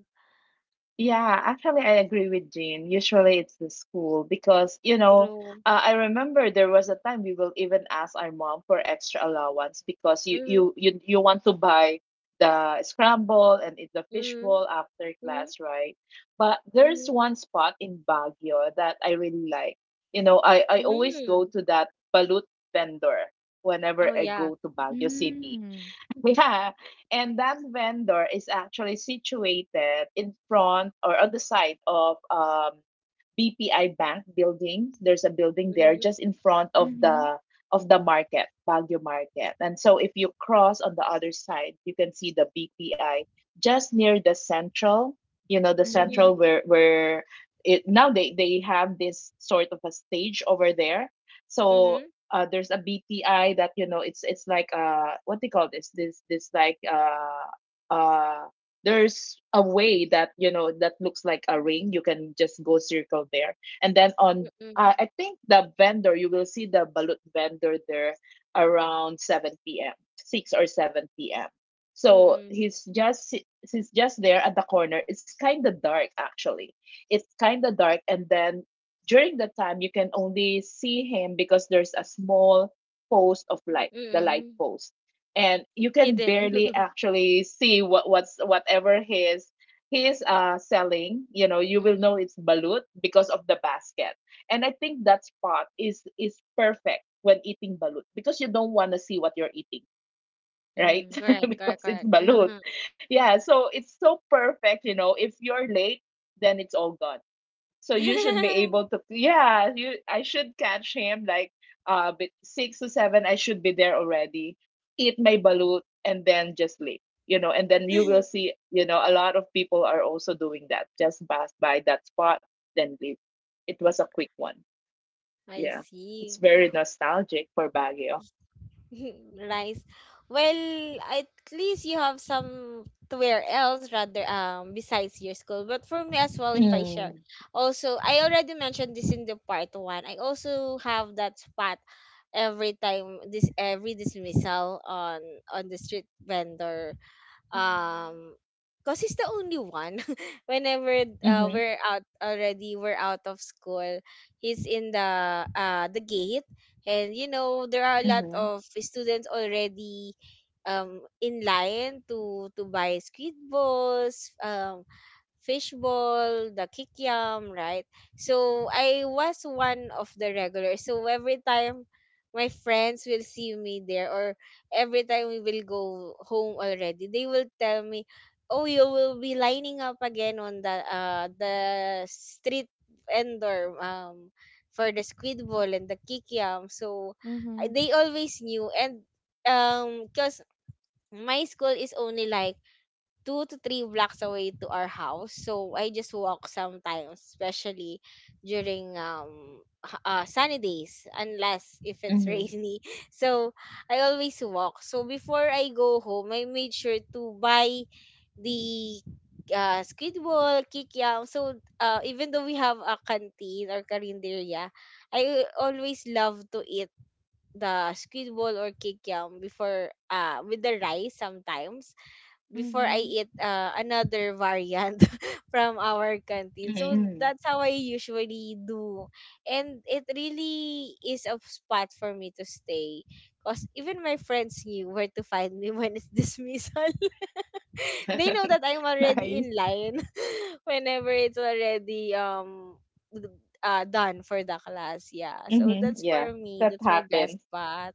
Yeah, actually, I agree with Jean. Usually it's the school because, you know, True. I remember there was a time we will even ask our mom for extra allowance because Mhm. You want to buy the scramble and eat the Mhm. fishbowl after Mhm. class, right? But there's Mhm. one spot in Baguio that I really like. You know, I always go Mhm. to that balut vendor whenever Oh I yeah. go to Baguio City. Mm. Yeah, and that vendor is actually situated in front or on the side of BPI Bank building. There's a building there Mhm. just in front of Mhm. The market, Baguio Market. And so if you cross on the other side, you can see the BPI just near the central, you know, the central Mhm. Mhm. where it now they have this sort of a stage over there. So Mhm. There's a BTI that you know it's like what they call this like there's a way that you know that looks like a ring you can just go circle there and then on Mhm. I think the vendor you will see the balut vendor there around 7 p.m. 6 or 7 p.m. So Mhm. He's just there at the corner. It's kind of dark actually. It's kind of dark, and then during the time you can only see him because there's a small post of light, the light Mhm. post, and you can Hidden. barely actually see whatever his he is selling. You know, you will know Mhm, it's balut because of the basket. And I think that spot is perfect when eating balut because you don't want to see what you're eating, right? mhm. Correct, Because correct, it's correct. balut. Yeah, so it's so perfect, you know. If you're late, then it's all gone, so you should be able to yeah you I should catch him like six to seven. I should be there already, eat my balut and then just leave. You know, and then you will see, you know, a lot of people are also doing that, just pass by that spot then leave. It was a quick one, I yeah. It's see. very nostalgic for Baguio. Nice. Well, at least you have some to wear else rather besides your school. But for me as well, if I share, Mm. also I already mentioned this in the part one. I also have that spot every time, this every dismissal on the street vendor, Mhm. um because he's the only one whenever Mm-hmm, we're out already, we're out of school. He's in the gate, and you know, there are a mm-hmm, lot of students already in line to buy squid balls, fishball, the kikiam, right? So I was one of the regulars. So every time my friends will see me there, or every time we will go home already, they will tell me, "Oh, you will be lining up again on the street vendor for the squid ball and the kikiam." So Mhm. they always knew, and because my school is only like two to three blocks away to our house. So I just walk sometimes, especially during sunny days, unless if it's mm-hmm, rainy. So I always walk. So before I go home, I made sure to buy the Squidwall, Kikiam. So even though we have a canteen or karinderya, I always love to eat the Squidwall or Kikiam before, with the rice sometimes, before I Mhm. eat another variant from our canteen. So mm-hmm. that's how I usually do. And it really is a spot for me to stay, because even my friends knew where to find me when it's dismissal. They know that I'm already Nice. in line whenever it's already d- done for the class. Yeah. So Mm-hmm. that's Yeah, for me. that That's my best happens. spot.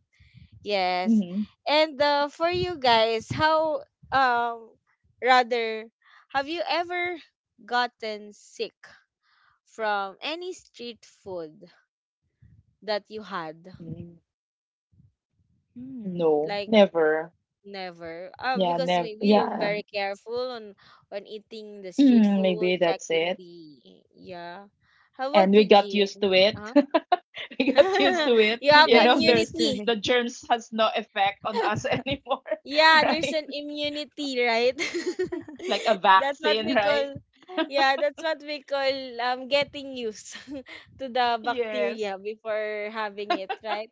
Yes. Mm-hmm. And for you guys, how um rather, have you ever gotten sick from any street food that you had? Mm. Hmm. No, Like never. never. Yeah, Because never. maybe you're Yeah, very careful on when eating the street mm, food, maybe that's checking it. the, yeah. How And about we you, got used Jean? to it. Huh? we got used to Oh, it. You he have You know, got there's used to immunity. it. the germs has no effect on us anymore, Yeah, there's right? an immunity, right? Like a That's what vaccine, we right? call, yeah, that's what we call getting used to the Yes, bacteria before having it, right?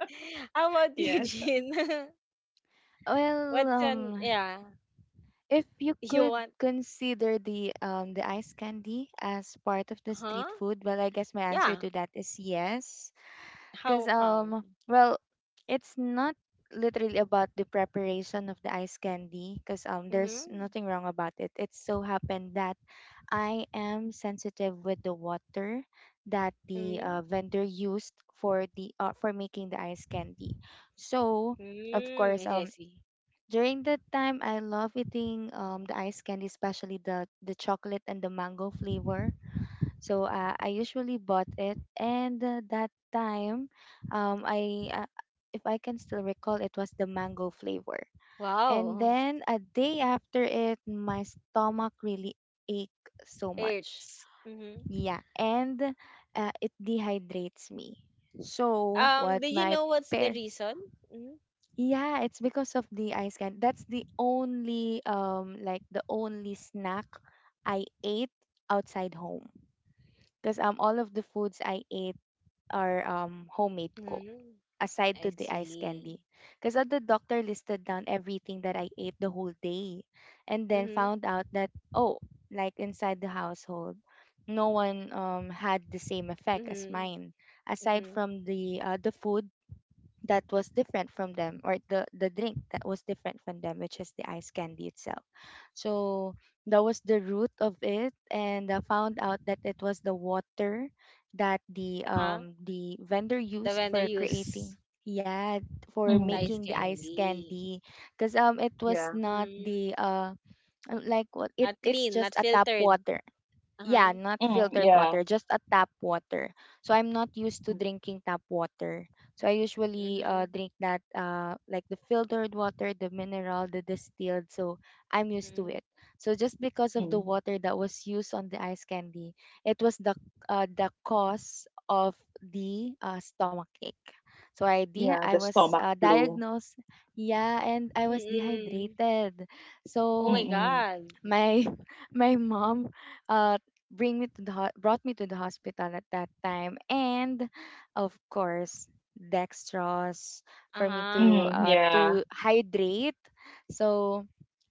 How about you, yes. Jean? Well, What's an, yeah, if you you could want, consider the ice candy as part of the huh? street food, well, I guess my answer Yeah. to that is yes, because, How come? Well, it's not literally about the preparation of the ice candy, because Mm-hmm. there's nothing wrong about it. It so happened that I am sensitive with the water that the Mm-hmm. Vendor used for the for making the ice candy, so. Of Mm, course, I see. I see. during that time, I love eating the ice candy, especially the chocolate and the mango flavor. So I usually bought it, and that time, I if I can still recall, it was the mango flavor. And Wow. then a day after it, my stomach really ached so much. Hurts. Mm-hmm. Yeah, and it dehydrates me. So what Do you my know what's the pair, reason? Mm-hmm. yeah, it's because of the ice candy. That's the only like the only snack I ate outside home. Because all of the foods I ate are homemade cooked Mm-hmm. aside I to the ice see. candy. Because the doctor listed down everything that I ate the whole day, and then Mm-hmm. found out that, oh, like inside the household, no one had the same effect as Mhm. mine aside Mhm. from the food that was different from them or the drink that was different from them, which is the ice candy itself. So that was the root of it, and I found out that it was the water that Ah, the vendor the used vendor for creating, use yeah, for Mm, Thai's making the ice candy. candy, because it was yeah, not Mhm. the like what it, Not it's clean, just not a tap filtered. water. Yeah, Uh-huh. not mm, filtered yeah, water, just a tap water. So I'm not used to mm, drinking tap water. So I usually Mhm. drink that, like the filtered water, the mineral, the distilled. So I'm used to Mhm. it. So just because of the mm, water that was used on the ice candy, it was the cause of the stomach ache. So yeah. I The was stomach flu. diagnosed, yeah, and I was Mm-mm. dehydrated. Oh So my Mm-mm, God. my my mom uh bring me to the ho- brought me to the hospital at that time and of course dextrose for me Uh-huh. to mm, uh yeah. to hydrate. So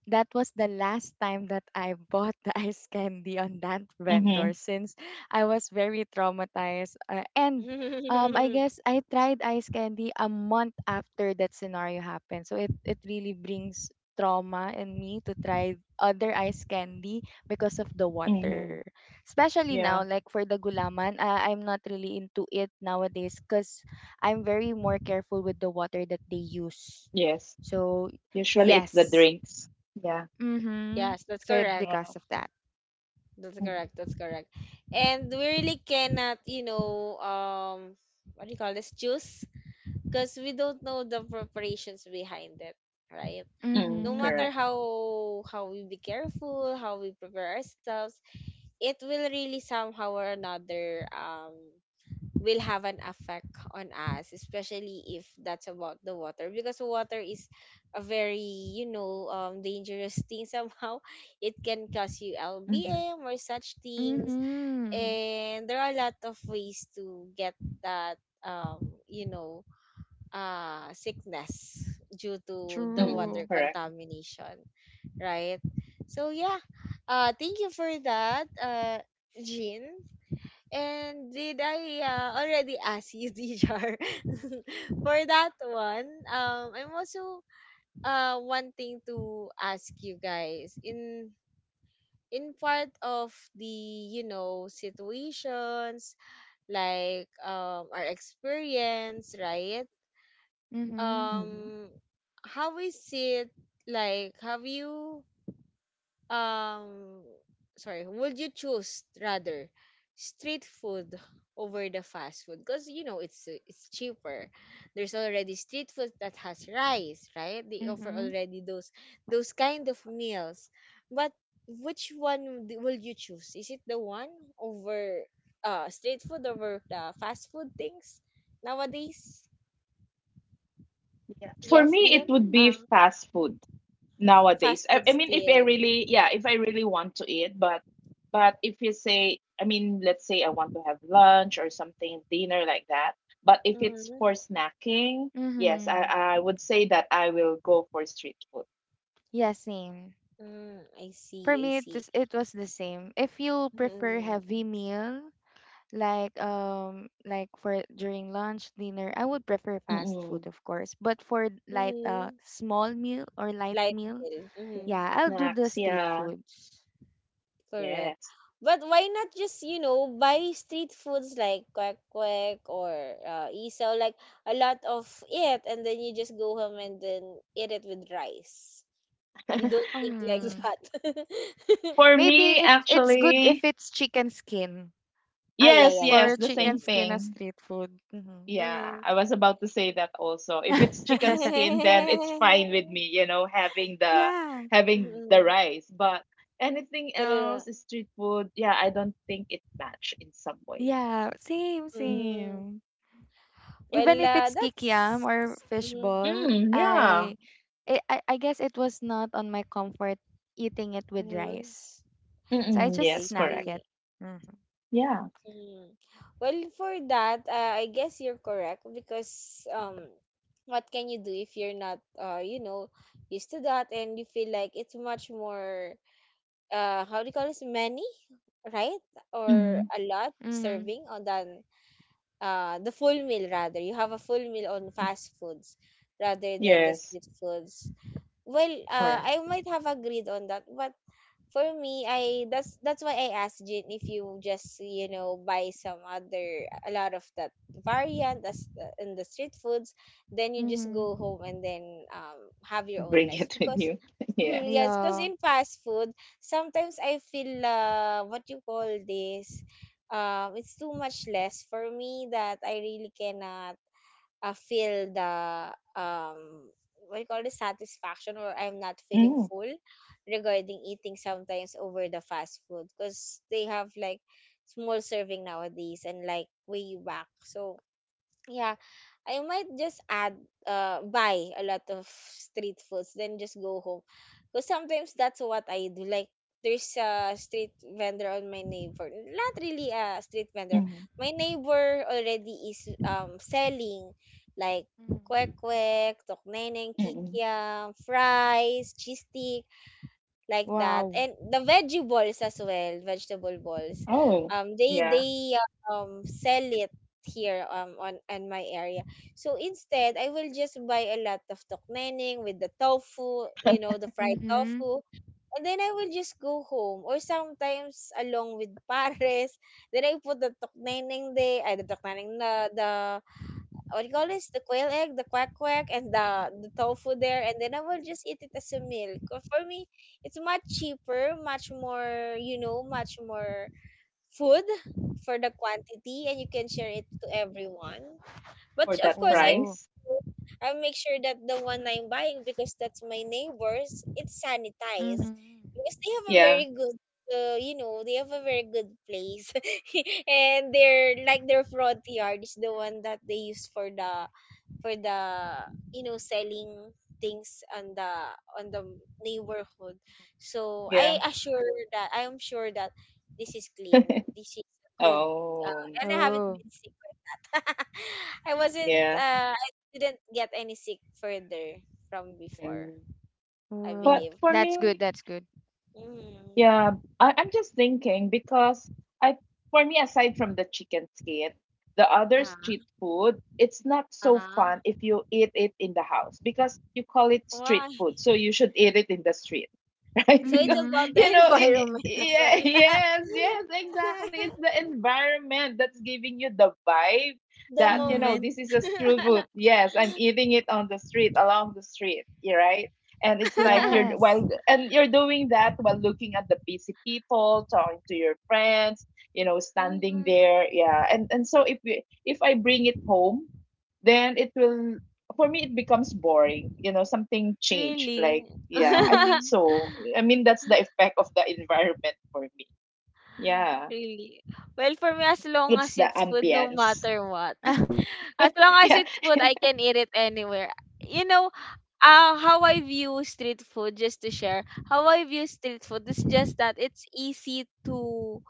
that was the last time that I bought the ice candy on that Mm-hmm, vendor since I was very traumatized. And I guess I tried ice candy a month after that scenario happened. So it really brings trauma in me to try other ice candy because of the water. mm-hmm, Especially now, like yeah. for the gulaman, I'm not really into it nowadays because I'm very more careful with the water that they use. Yes. So, Usually it's the yes. drinks. Yeah. Mm-hmm. Yes, that's So it correct. Yeah. because of that. That's Mm-hmm, correct. That's correct. And we really cannot, you know, what do you call this? Choose, because we don't know the preparations behind it, right? mm, No Mm-hmm. correct. matter how we be careful, how we prepare ourselves, it will really somehow or another will have an effect on us, especially if that's about the water, because water is a very, you know, dangerous thing somehow. It can cause you Mm-hmm. lbm or such things, Mm-hmm. and there are a lot of ways to get that, um you know sickness due to the Mm, water True. correct. contamination, right? So yeah, thank you for that, Jean. And did I already ask you, Dijar, for that one? I'm also wanting to ask you guys in part of the, you know, situations like our experience, right? Mm-hmm. Mhm. Um, how is it like? Have you um sorry, would you choose rather street food over the fast food, because, you know, it's cheaper? There's already street food that has rice, right? They offer Mm-hmm. already those kind of meals, but which one will you choose? Is it the one over street food over the fast food things nowadays? Yeah. For Yes, me, it Dion. would Mm. be uh, fast food nowadays. fast I, food I mean, if I still. really, yeah, if I really want to eat, but if you say, I mean, let's say I want to have lunch or something, dinner like that. But if it's for mm, snacking, yes, I Mm-hmm. I would say that I will go for street food. Yeah, same. I see, For I me, it see. just it was the same. If you prefer heavy Mm-mm. meal, like for during lunch, dinner, I would prefer fast Mm-mm. food, of course. But for light Mm-hmm. small meal or light Like, meal, Yeah. mm-hmm. yeah, I'll do the Snacks, street yeah, foods. Correct. yes. But why not just, you know, buy street foods like Kwek Kwek or isaw, like a lot of it, and then you just go home and then eat it with rice? You don't think like Um. that. For Maybe me, it's good if actually, it's chicken skin. Ah, yeah, yes, yeah, yeah. yes, For the same chicken Spring. skin as thing. street food. Hmm. Yeah, Mm-hmm. I was about to say that also. If it's chicken skin, then it's fine with me, you know, having Yeah. The Mm-hmm. rice. But anything else, True. street food, yeah, I don't think it match in some way. Yeah. Same, Mm, Mm. same. Even Well, if it's kikiam that's. or Mm-hmm. fishball, mm, yeah. I guess it was not on my comfort eating it with Mm-hmm. rice. So I Mm-mm, just I yes, snack correct. it. see. Mhm. Yeah. Mm. Well, for that, I guess you're correct, because what can you do if you're not, you know, used to that, and you feel like it's much more, how do you call this, many, right? Mm-hmm. Or a lot Mm-hmm. serving on than the full meal rather. You have a full meal on fast foods rather than the Yes, street foods. Well, correct. I might have agreed on that, but for me, I that's why I asked Jin, if you just, you know, buy some other a lot of that variant as in the street foods, then you just go Mm-hmm. home, and then have your own Bring rice it with because you. Yeah. Mhm, yes, because Yeah. in fast food sometimes I feel, what you call this, it's too much less for me, that I really cannot feel the um what do you call, the satisfaction, or I'm not feeling Mm, full regarding eating sometimes over the fast food, because they have like small serving nowadays and like way back. So yeah, I might just add, buy a lot of street foods, then just go home. Because sometimes that's what I do. Like, there's a street vendor on my neighbor. Not really a street vendor. mm, My neighbor already is selling like Mm-hmm. kwek kwek, tokneneng, mm. kikiam, fries, cheese stick, like that, Wow. and the veggie balls as well, vegetable balls. Oh, They yeah. Sell it here, on my area. So instead, I will just buy a lot of tokmeneng with the tofu, you know, the fried Mm-hmm. tofu, and then I will just go home, or sometimes along with pares, then I put the tokmeneng there, ay the tokmeneng na, the, what do you call this? The quail egg, the quack quack, and the tofu there, and then I will just eat it as a meal. 'Cause for me, it's much cheaper, much more, you know, much more food for the quantity, and you can share it to everyone. For But that of course, Oh. price. I make sure that the one I'm buying, because that's my neighbors, it's Mm-hmm. Mm-hmm. sanitized, because they have a Yeah, very good, you know, they have a very good place and they're like their front yard is the one that they use for the for the, you know, selling things on the neighborhood. So yeah. I Mm-hmm. assure that, I am sure that this is clean, this is good, uh, Oh, and I haven't Oh. been sick. I wasn't, yeah. I didn't get any sick further from before, Mm. I Oh. But believe. for That's good. me, That's good. Mm. yeah, I'm just thinking because I, for me, aside from the chicken skin, the other Yeah. street food, it's not so Uh-huh. fun if you eat it in the house because you call it street Why? food. So you should eat it in the street, right? So it's Because about Mm-hmm. the you know, Mm-hmm. environment as yeah, well. yes, yes, exactly. It's the environment that's giving you the vibe The that you know moment. Mhm. this is a street food. Yes, I'm eating it on the street, along the street, yeah, right? And it's like you're Yes. while and you're doing that while looking at the busy people, talking to your friends, you know, standing Mhm. there, yeah. And so if I bring it home then it will for me it becomes boring you know something change like Really? yeah I think Mhm. so. I mean, that's the effect of the environment for me, yeah. Really? Well, for me, as long It's as the it's food, no ambience. matter what. Mhm. As long as yeah. it's food, I can eat it anywhere. You know, how I view street food, just to share, how I view street food is just that it's easy to,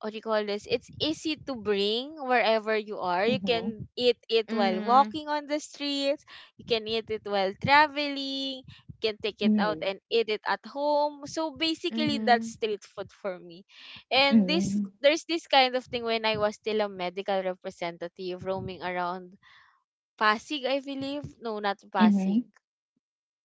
what do you call this? It's easy to bring wherever you are. You Mm-hmm. can eat it while Mhm. walking on the streets, you can eat it while traveling, you can take it out Mm-hmm. and eat it at home. So basically, Mm-hmm. that's street food for me. And this Mm-hmm. there's this kind of thing when I was still a medical representative roaming around Pasig, I believe. No, not Mm-hmm. Pasig.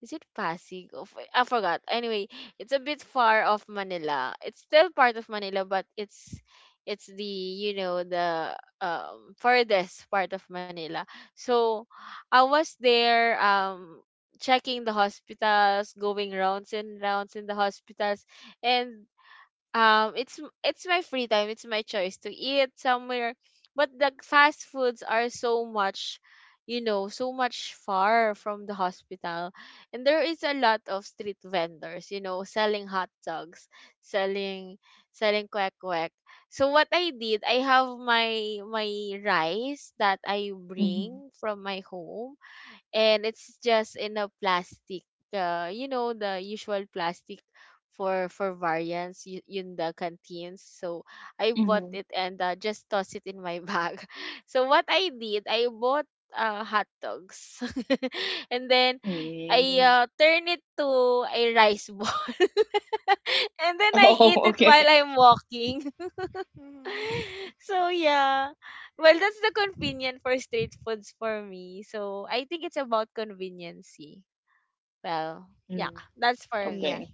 Is it Pasig? Of I forgot. Anyway, it's a bit far off Manila. It's still part of Manila, but it's the you know the furthest part of Manila. So I was there checking the hospitals, going rounds and rounds in the hospitals, and it's my free time. It's my choice to eat somewhere, but the fast foods are so much far from the hospital. And there is a lot of street vendors selling hot dogs, selling selling quack quack. So what I did, I have my rice that I Mm-hmm. bring from my home, and it's just in a plastic, the usual plastic for variants, in the canteens. So I bought Mm-hmm. it and just toss it in my bag. So what I did, I bought hot dogs and then I Mm. Turn it to a rice ball and then I eat Oh. it while okay. I'm walking. Mm-hmm. So yeah, well, that's the convenient for street foods for me, so I think it's about conveniency. Well, yeah, Mm. that's for Yeah. me. Okay,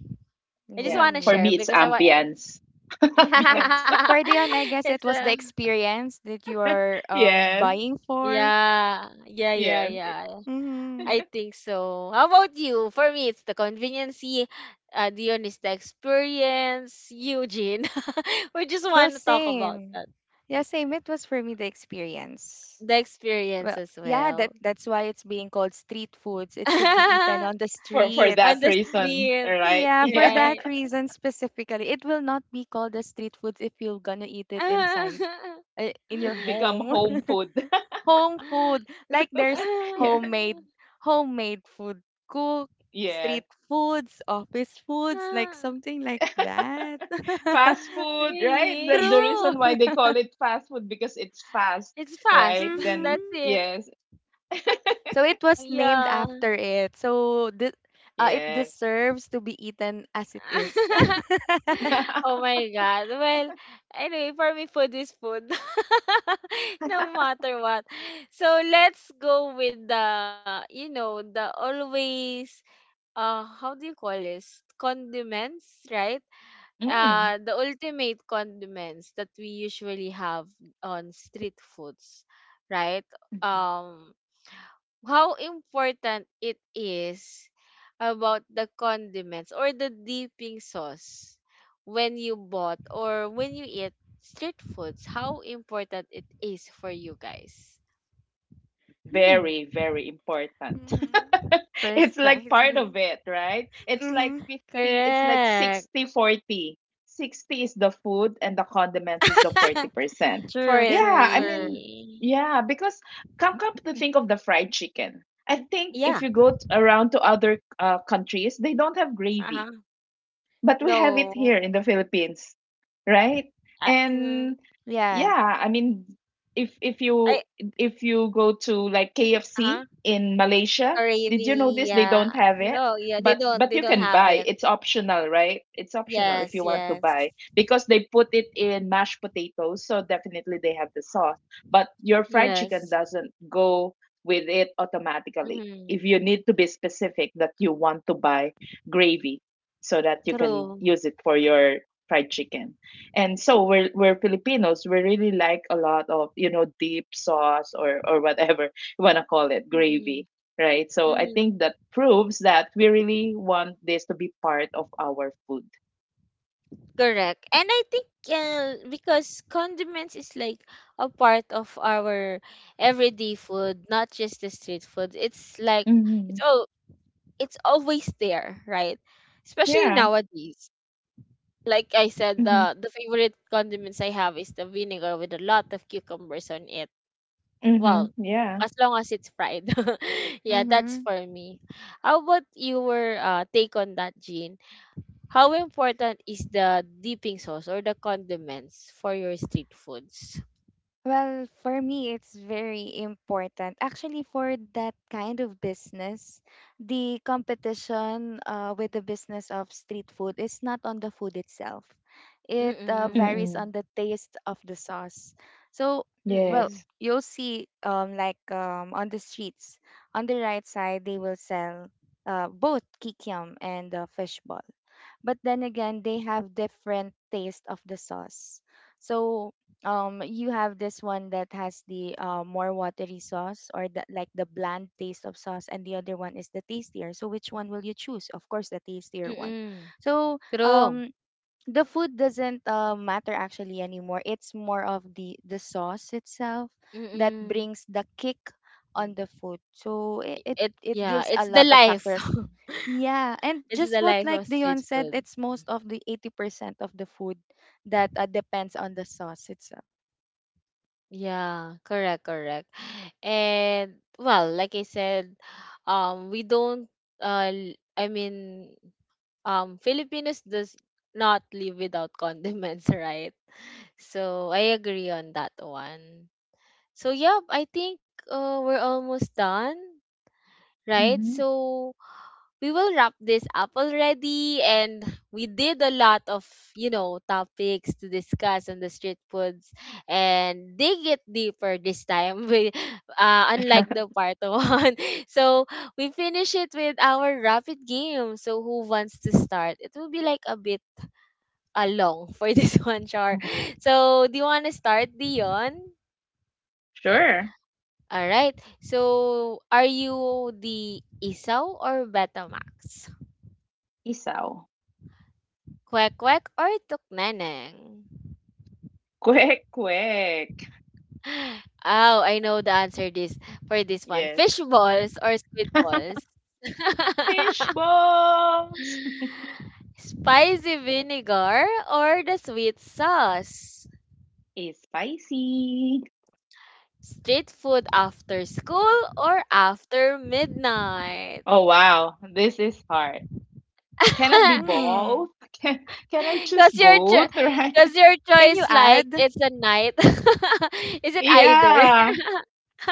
I just yeah, want to Ooh. for share me it's because I want. ambience. Oh, ambience. for Dion, I guess It's it was a. the experience that you are Yes, buying for. Yeah, yeah, yeah, yes, yeah. Mm-hmm. I think so. How about you? For me, it's the conveniency. Dion is the experience. Eugene, we just Well, want to talk about same. that. Yeah, same. It was for me the experience. The experience Well, as yeah, that well. that's why it's being called street foods. It should be eaten on the for On that streets. the reason, street, all right. Yeah, for Yeah, right? that reason specifically, it will not be called a street foods if you're gonna eat it inside. In your it's become home. home food. Home food, like there's Yeah. homemade, homemade food, cook, Yeah. street foods, office foods, like something like that. Fast food, right? Really? The True. reason why they call it fast food because it's fast, It's fast. right? Then That's Hmm. it. yes, So it was named Yeah. after it, so it yes. deserves to be eaten as it is. Oh my God. Well, anyway, for me, food is food. No matter what. So let's go with the always, how do you call this? Condiments, right? Mm. The ultimate condiments that we usually have on street foods, right? Um, how important it is about the condiments or the dipping sauce when you bought or when you eat street foods, how important it is for you guys? Hmm. Very, very important. Mm-hmm. It's like part of Precisely. it, right? It's like Mm-hmm. 50, it's like Correct. 60-40. 60 is the food and the condiments is the 40%. True, For true, Yeah, I true. mean, the. yeah, because come come to think of the fried chicken. I think Yeah. if you go around to other countries, they don't have gravy Uh-huh. but we have it No. here in the Philippines, right? I, mm, And Yeah. yeah, I mean, I. If you go to like Uh-huh. KFC in Malaysia, did you Gravy, notice they yeah. don't have it? No, yeah, they don't But they you don't can have buy. it. It's optional, right? It's optional if Yes, you want to yes, buy because they put it in mashed potatoes, so definitely they have the sauce. But your fried chicken yes. doesn't go with it automatically. Mm, If you need to be specific that you want to buy gravy, so that you can true. use it for your fried chicken. And so we're Filipinos. We really like a lot of you know deep sauce or whatever you wanna call it Mm-mm. gravy, right? So I Mm-hmm. think that proves that we really want this to be part of our food. Correct. And I think because condiments is like a part of our everyday food, not just the street food. It's like, Mm-hmm. it's all it's always there, right? Especially Yeah. nowadays. Like I said, Mm-hmm. the favorite condiments I have is the vinegar with a lot of cucumbers on it. Mm-hmm. Well, Yeah. as long as it's fried. Yeah, that's Mm-hmm. for me. How about your take on that, Jean? How important is the dipping sauce or the condiments for your street foods? Well, for me, it's very important. Actually, for that kind of business, the competition with the business of street food is not on the food itself. It Mm-mm. varies Mm-mm. on the taste of the sauce. So, well, Mm-mm. Yes. you'll see like on the streets, on the right side, they will sell both kikiam and fishball, but then again they have different taste of the sauce. So you have this one that has the more watery sauce, or the, like the bland taste of sauce, and the other one is the tastier. So which one will you choose? Of course, the tastier one. Mm-mm. So True. um the food doesn't matter actually anymore. It's more of the sauce itself that Mm-mm. brings the kick on the food. So it, it It it yeah, gives it's a the lot of life. factor. Yeah, and It's just the what life like of street Dion said, food. it's most of the 80% of the food that depends on the sauce itself. Yeah, correct, correct. And well, like I said, we don't, I mean, Filipinos does not live without condiments, right? So I agree on that one. So, yeah, I think we're almost done, right? Mm-hmm. So, we will wrap this up already. And we did a lot of topics to discuss on the street foods and dig it deeper this time, we, unlike the part one. So, we finish it with our rapid game. So, who wants to start? It will be like a bit long for this one, Char. Mm-hmm. So, do you want to start, Dion? Sure. All right. So, are you the Isaw or Betamax? Isaw. Kwek kwek or tukneneng? Quick, quick. Oh, I know the answer this for this one. Yes. Fish balls or squid balls? Fish balls. Spicy vinegar or the sweet sauce? Is spicy. Street food after school or after midnight? Oh wow, this is hard. Can it be Hmm. both? Can can I choose Cause your cho- both, right? cause your Can you choice, like add? it's a night. Is it either? Yeah.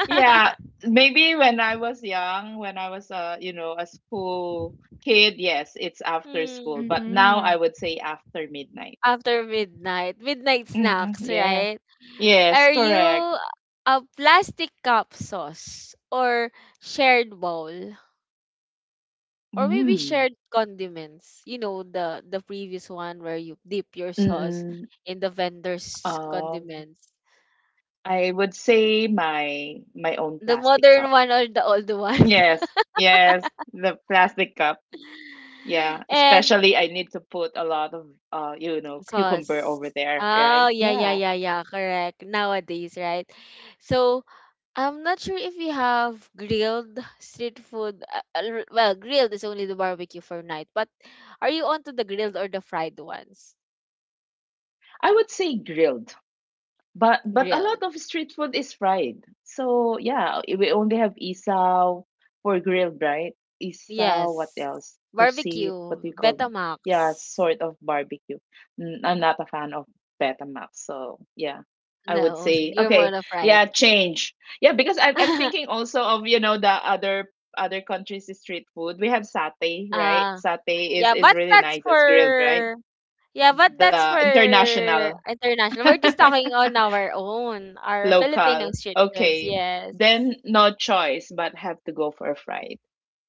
Yeah. Maybe when I was young, when I was a, you know, a school kid, yes, it's after school, Hmm. but now I Mm-hmm. would say after midnight. After midnight, midnight Hmm. snacks, Yeah. right? Yes, Are you correct. a plastic cup sauce or shared bowl? Or maybe Mm. shared condiments. The previous one where you dip your sauce Mm-mm. in the vendor's Um, condiments. I would say my own The plastic modern cup. one or the old one. Yes. Yes, the plastic cup. Yeah, And especially I need to put a lot of you know cucumber sauce. over there, Oh, right? yeah, yeah, Yeah. yeah, yeah. Correct. Nowadays, right? So, I'm not sure if we have grilled street food. Well, grilled is only the barbecue for night. But are you onto the grilled or the fried ones? I would say grilled. But a lot Grilled. of street food is fried. So yeah, we only have isaw for grilled, right? Isaw, what Yes. else? Pusit, what Barbecue. do you call? Yeah, Betamax. sort of barbecue. I'm not a fan of Betamax, so yeah. I would No, say you're okay, more of fried. yeah, change. Yeah, because I'm thinking also of, you know, the other countries' street food. We have satay, right? Ah, Satay is yeah, but really that's nice as grilled, right? for. Yeah, but that's The for international. international. We're just talking on our own, our Filipino Local. street goods. Okay. Yes. Then no choice but have to go for a fried.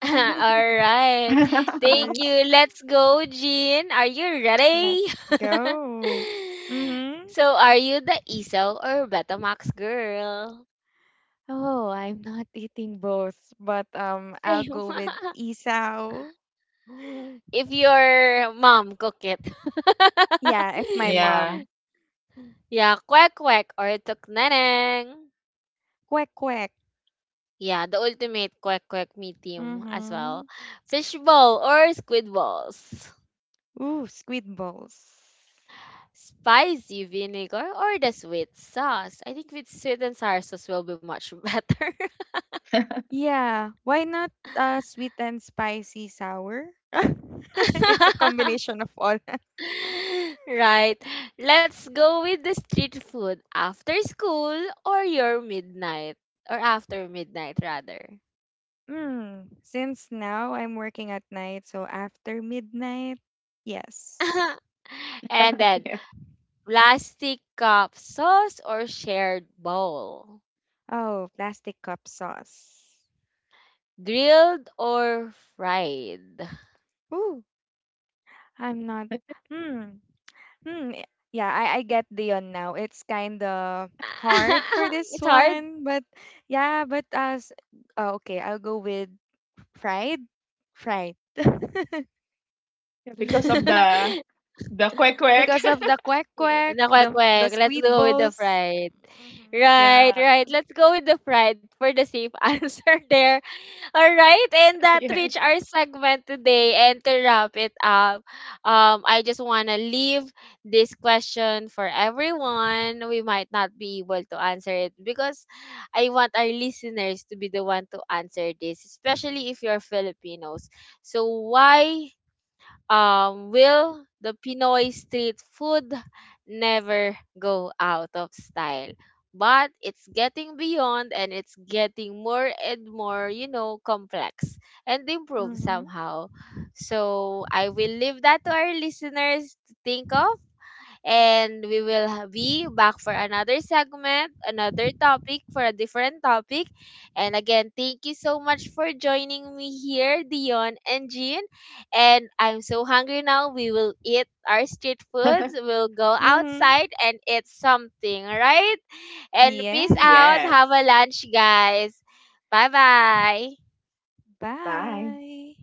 All right. Thank you. Choice. Let's go, Jean. Are you ready? Let's go. Mm-hmm. So, are you the ISO or Betamax girl? Oh, I'm not eating both. But I'll Same. go with isaw. If your mom cook it. Yeah, if my Yeah. mom. Yeah, quack quack or tuk neneng. Quack quack. Yeah, the ultimate quack quack me team as Mm-hmm. well. Fishbowl or squid balls. Ooh, squid balls. Spicy vinegar or the sweet sauce. I think with sweet and sour sauce will be much better. Yeah, why not sweet and spicy sour? It's a combination of all. Right. Let's go with the street food after school or your midnight or after midnight rather. Mm, since now I'm working at night, so after midnight, yes. And then Yeah. plastic cup sauce or shared bowl. Oh, plastic cup sauce. Grilled or fried? Ooh, I'm not. Hmm. Hmm. Yeah, I get Dion now. It's kind of hard for this It's hard. one, but yeah, but as okay, I'll go with fried. Fried. Yeah, because of the quick quick. Because of the quack quack, Na quick, the quick. Let's squid go with the balls. fried. Mm-hmm. Yeah. Right, right. Let's go with the fried for the safe answer there. All Yes. right, and that reached our segment today. And to wrap it up, I just want to leave this question for everyone. We might not be able to answer it because I want our listeners to be the one to answer this, especially if you're Filipinos. So why will the Pinoy street food never go out of style? But it's getting beyond and it's getting more and more, complex and improve Mm-hmm. somehow. So I will leave that to our listeners to think of and we will be back for another segment, another topic, for a different topic. And again, thank you so much for joining me here, Dion and Jean. And I'm so hungry now. We will eat our street foods. We'll go Mm-hmm. outside and eat something, right? And peace Yes. out. Have Yes. a lunch, guys. Bye bye. Bye. Bye.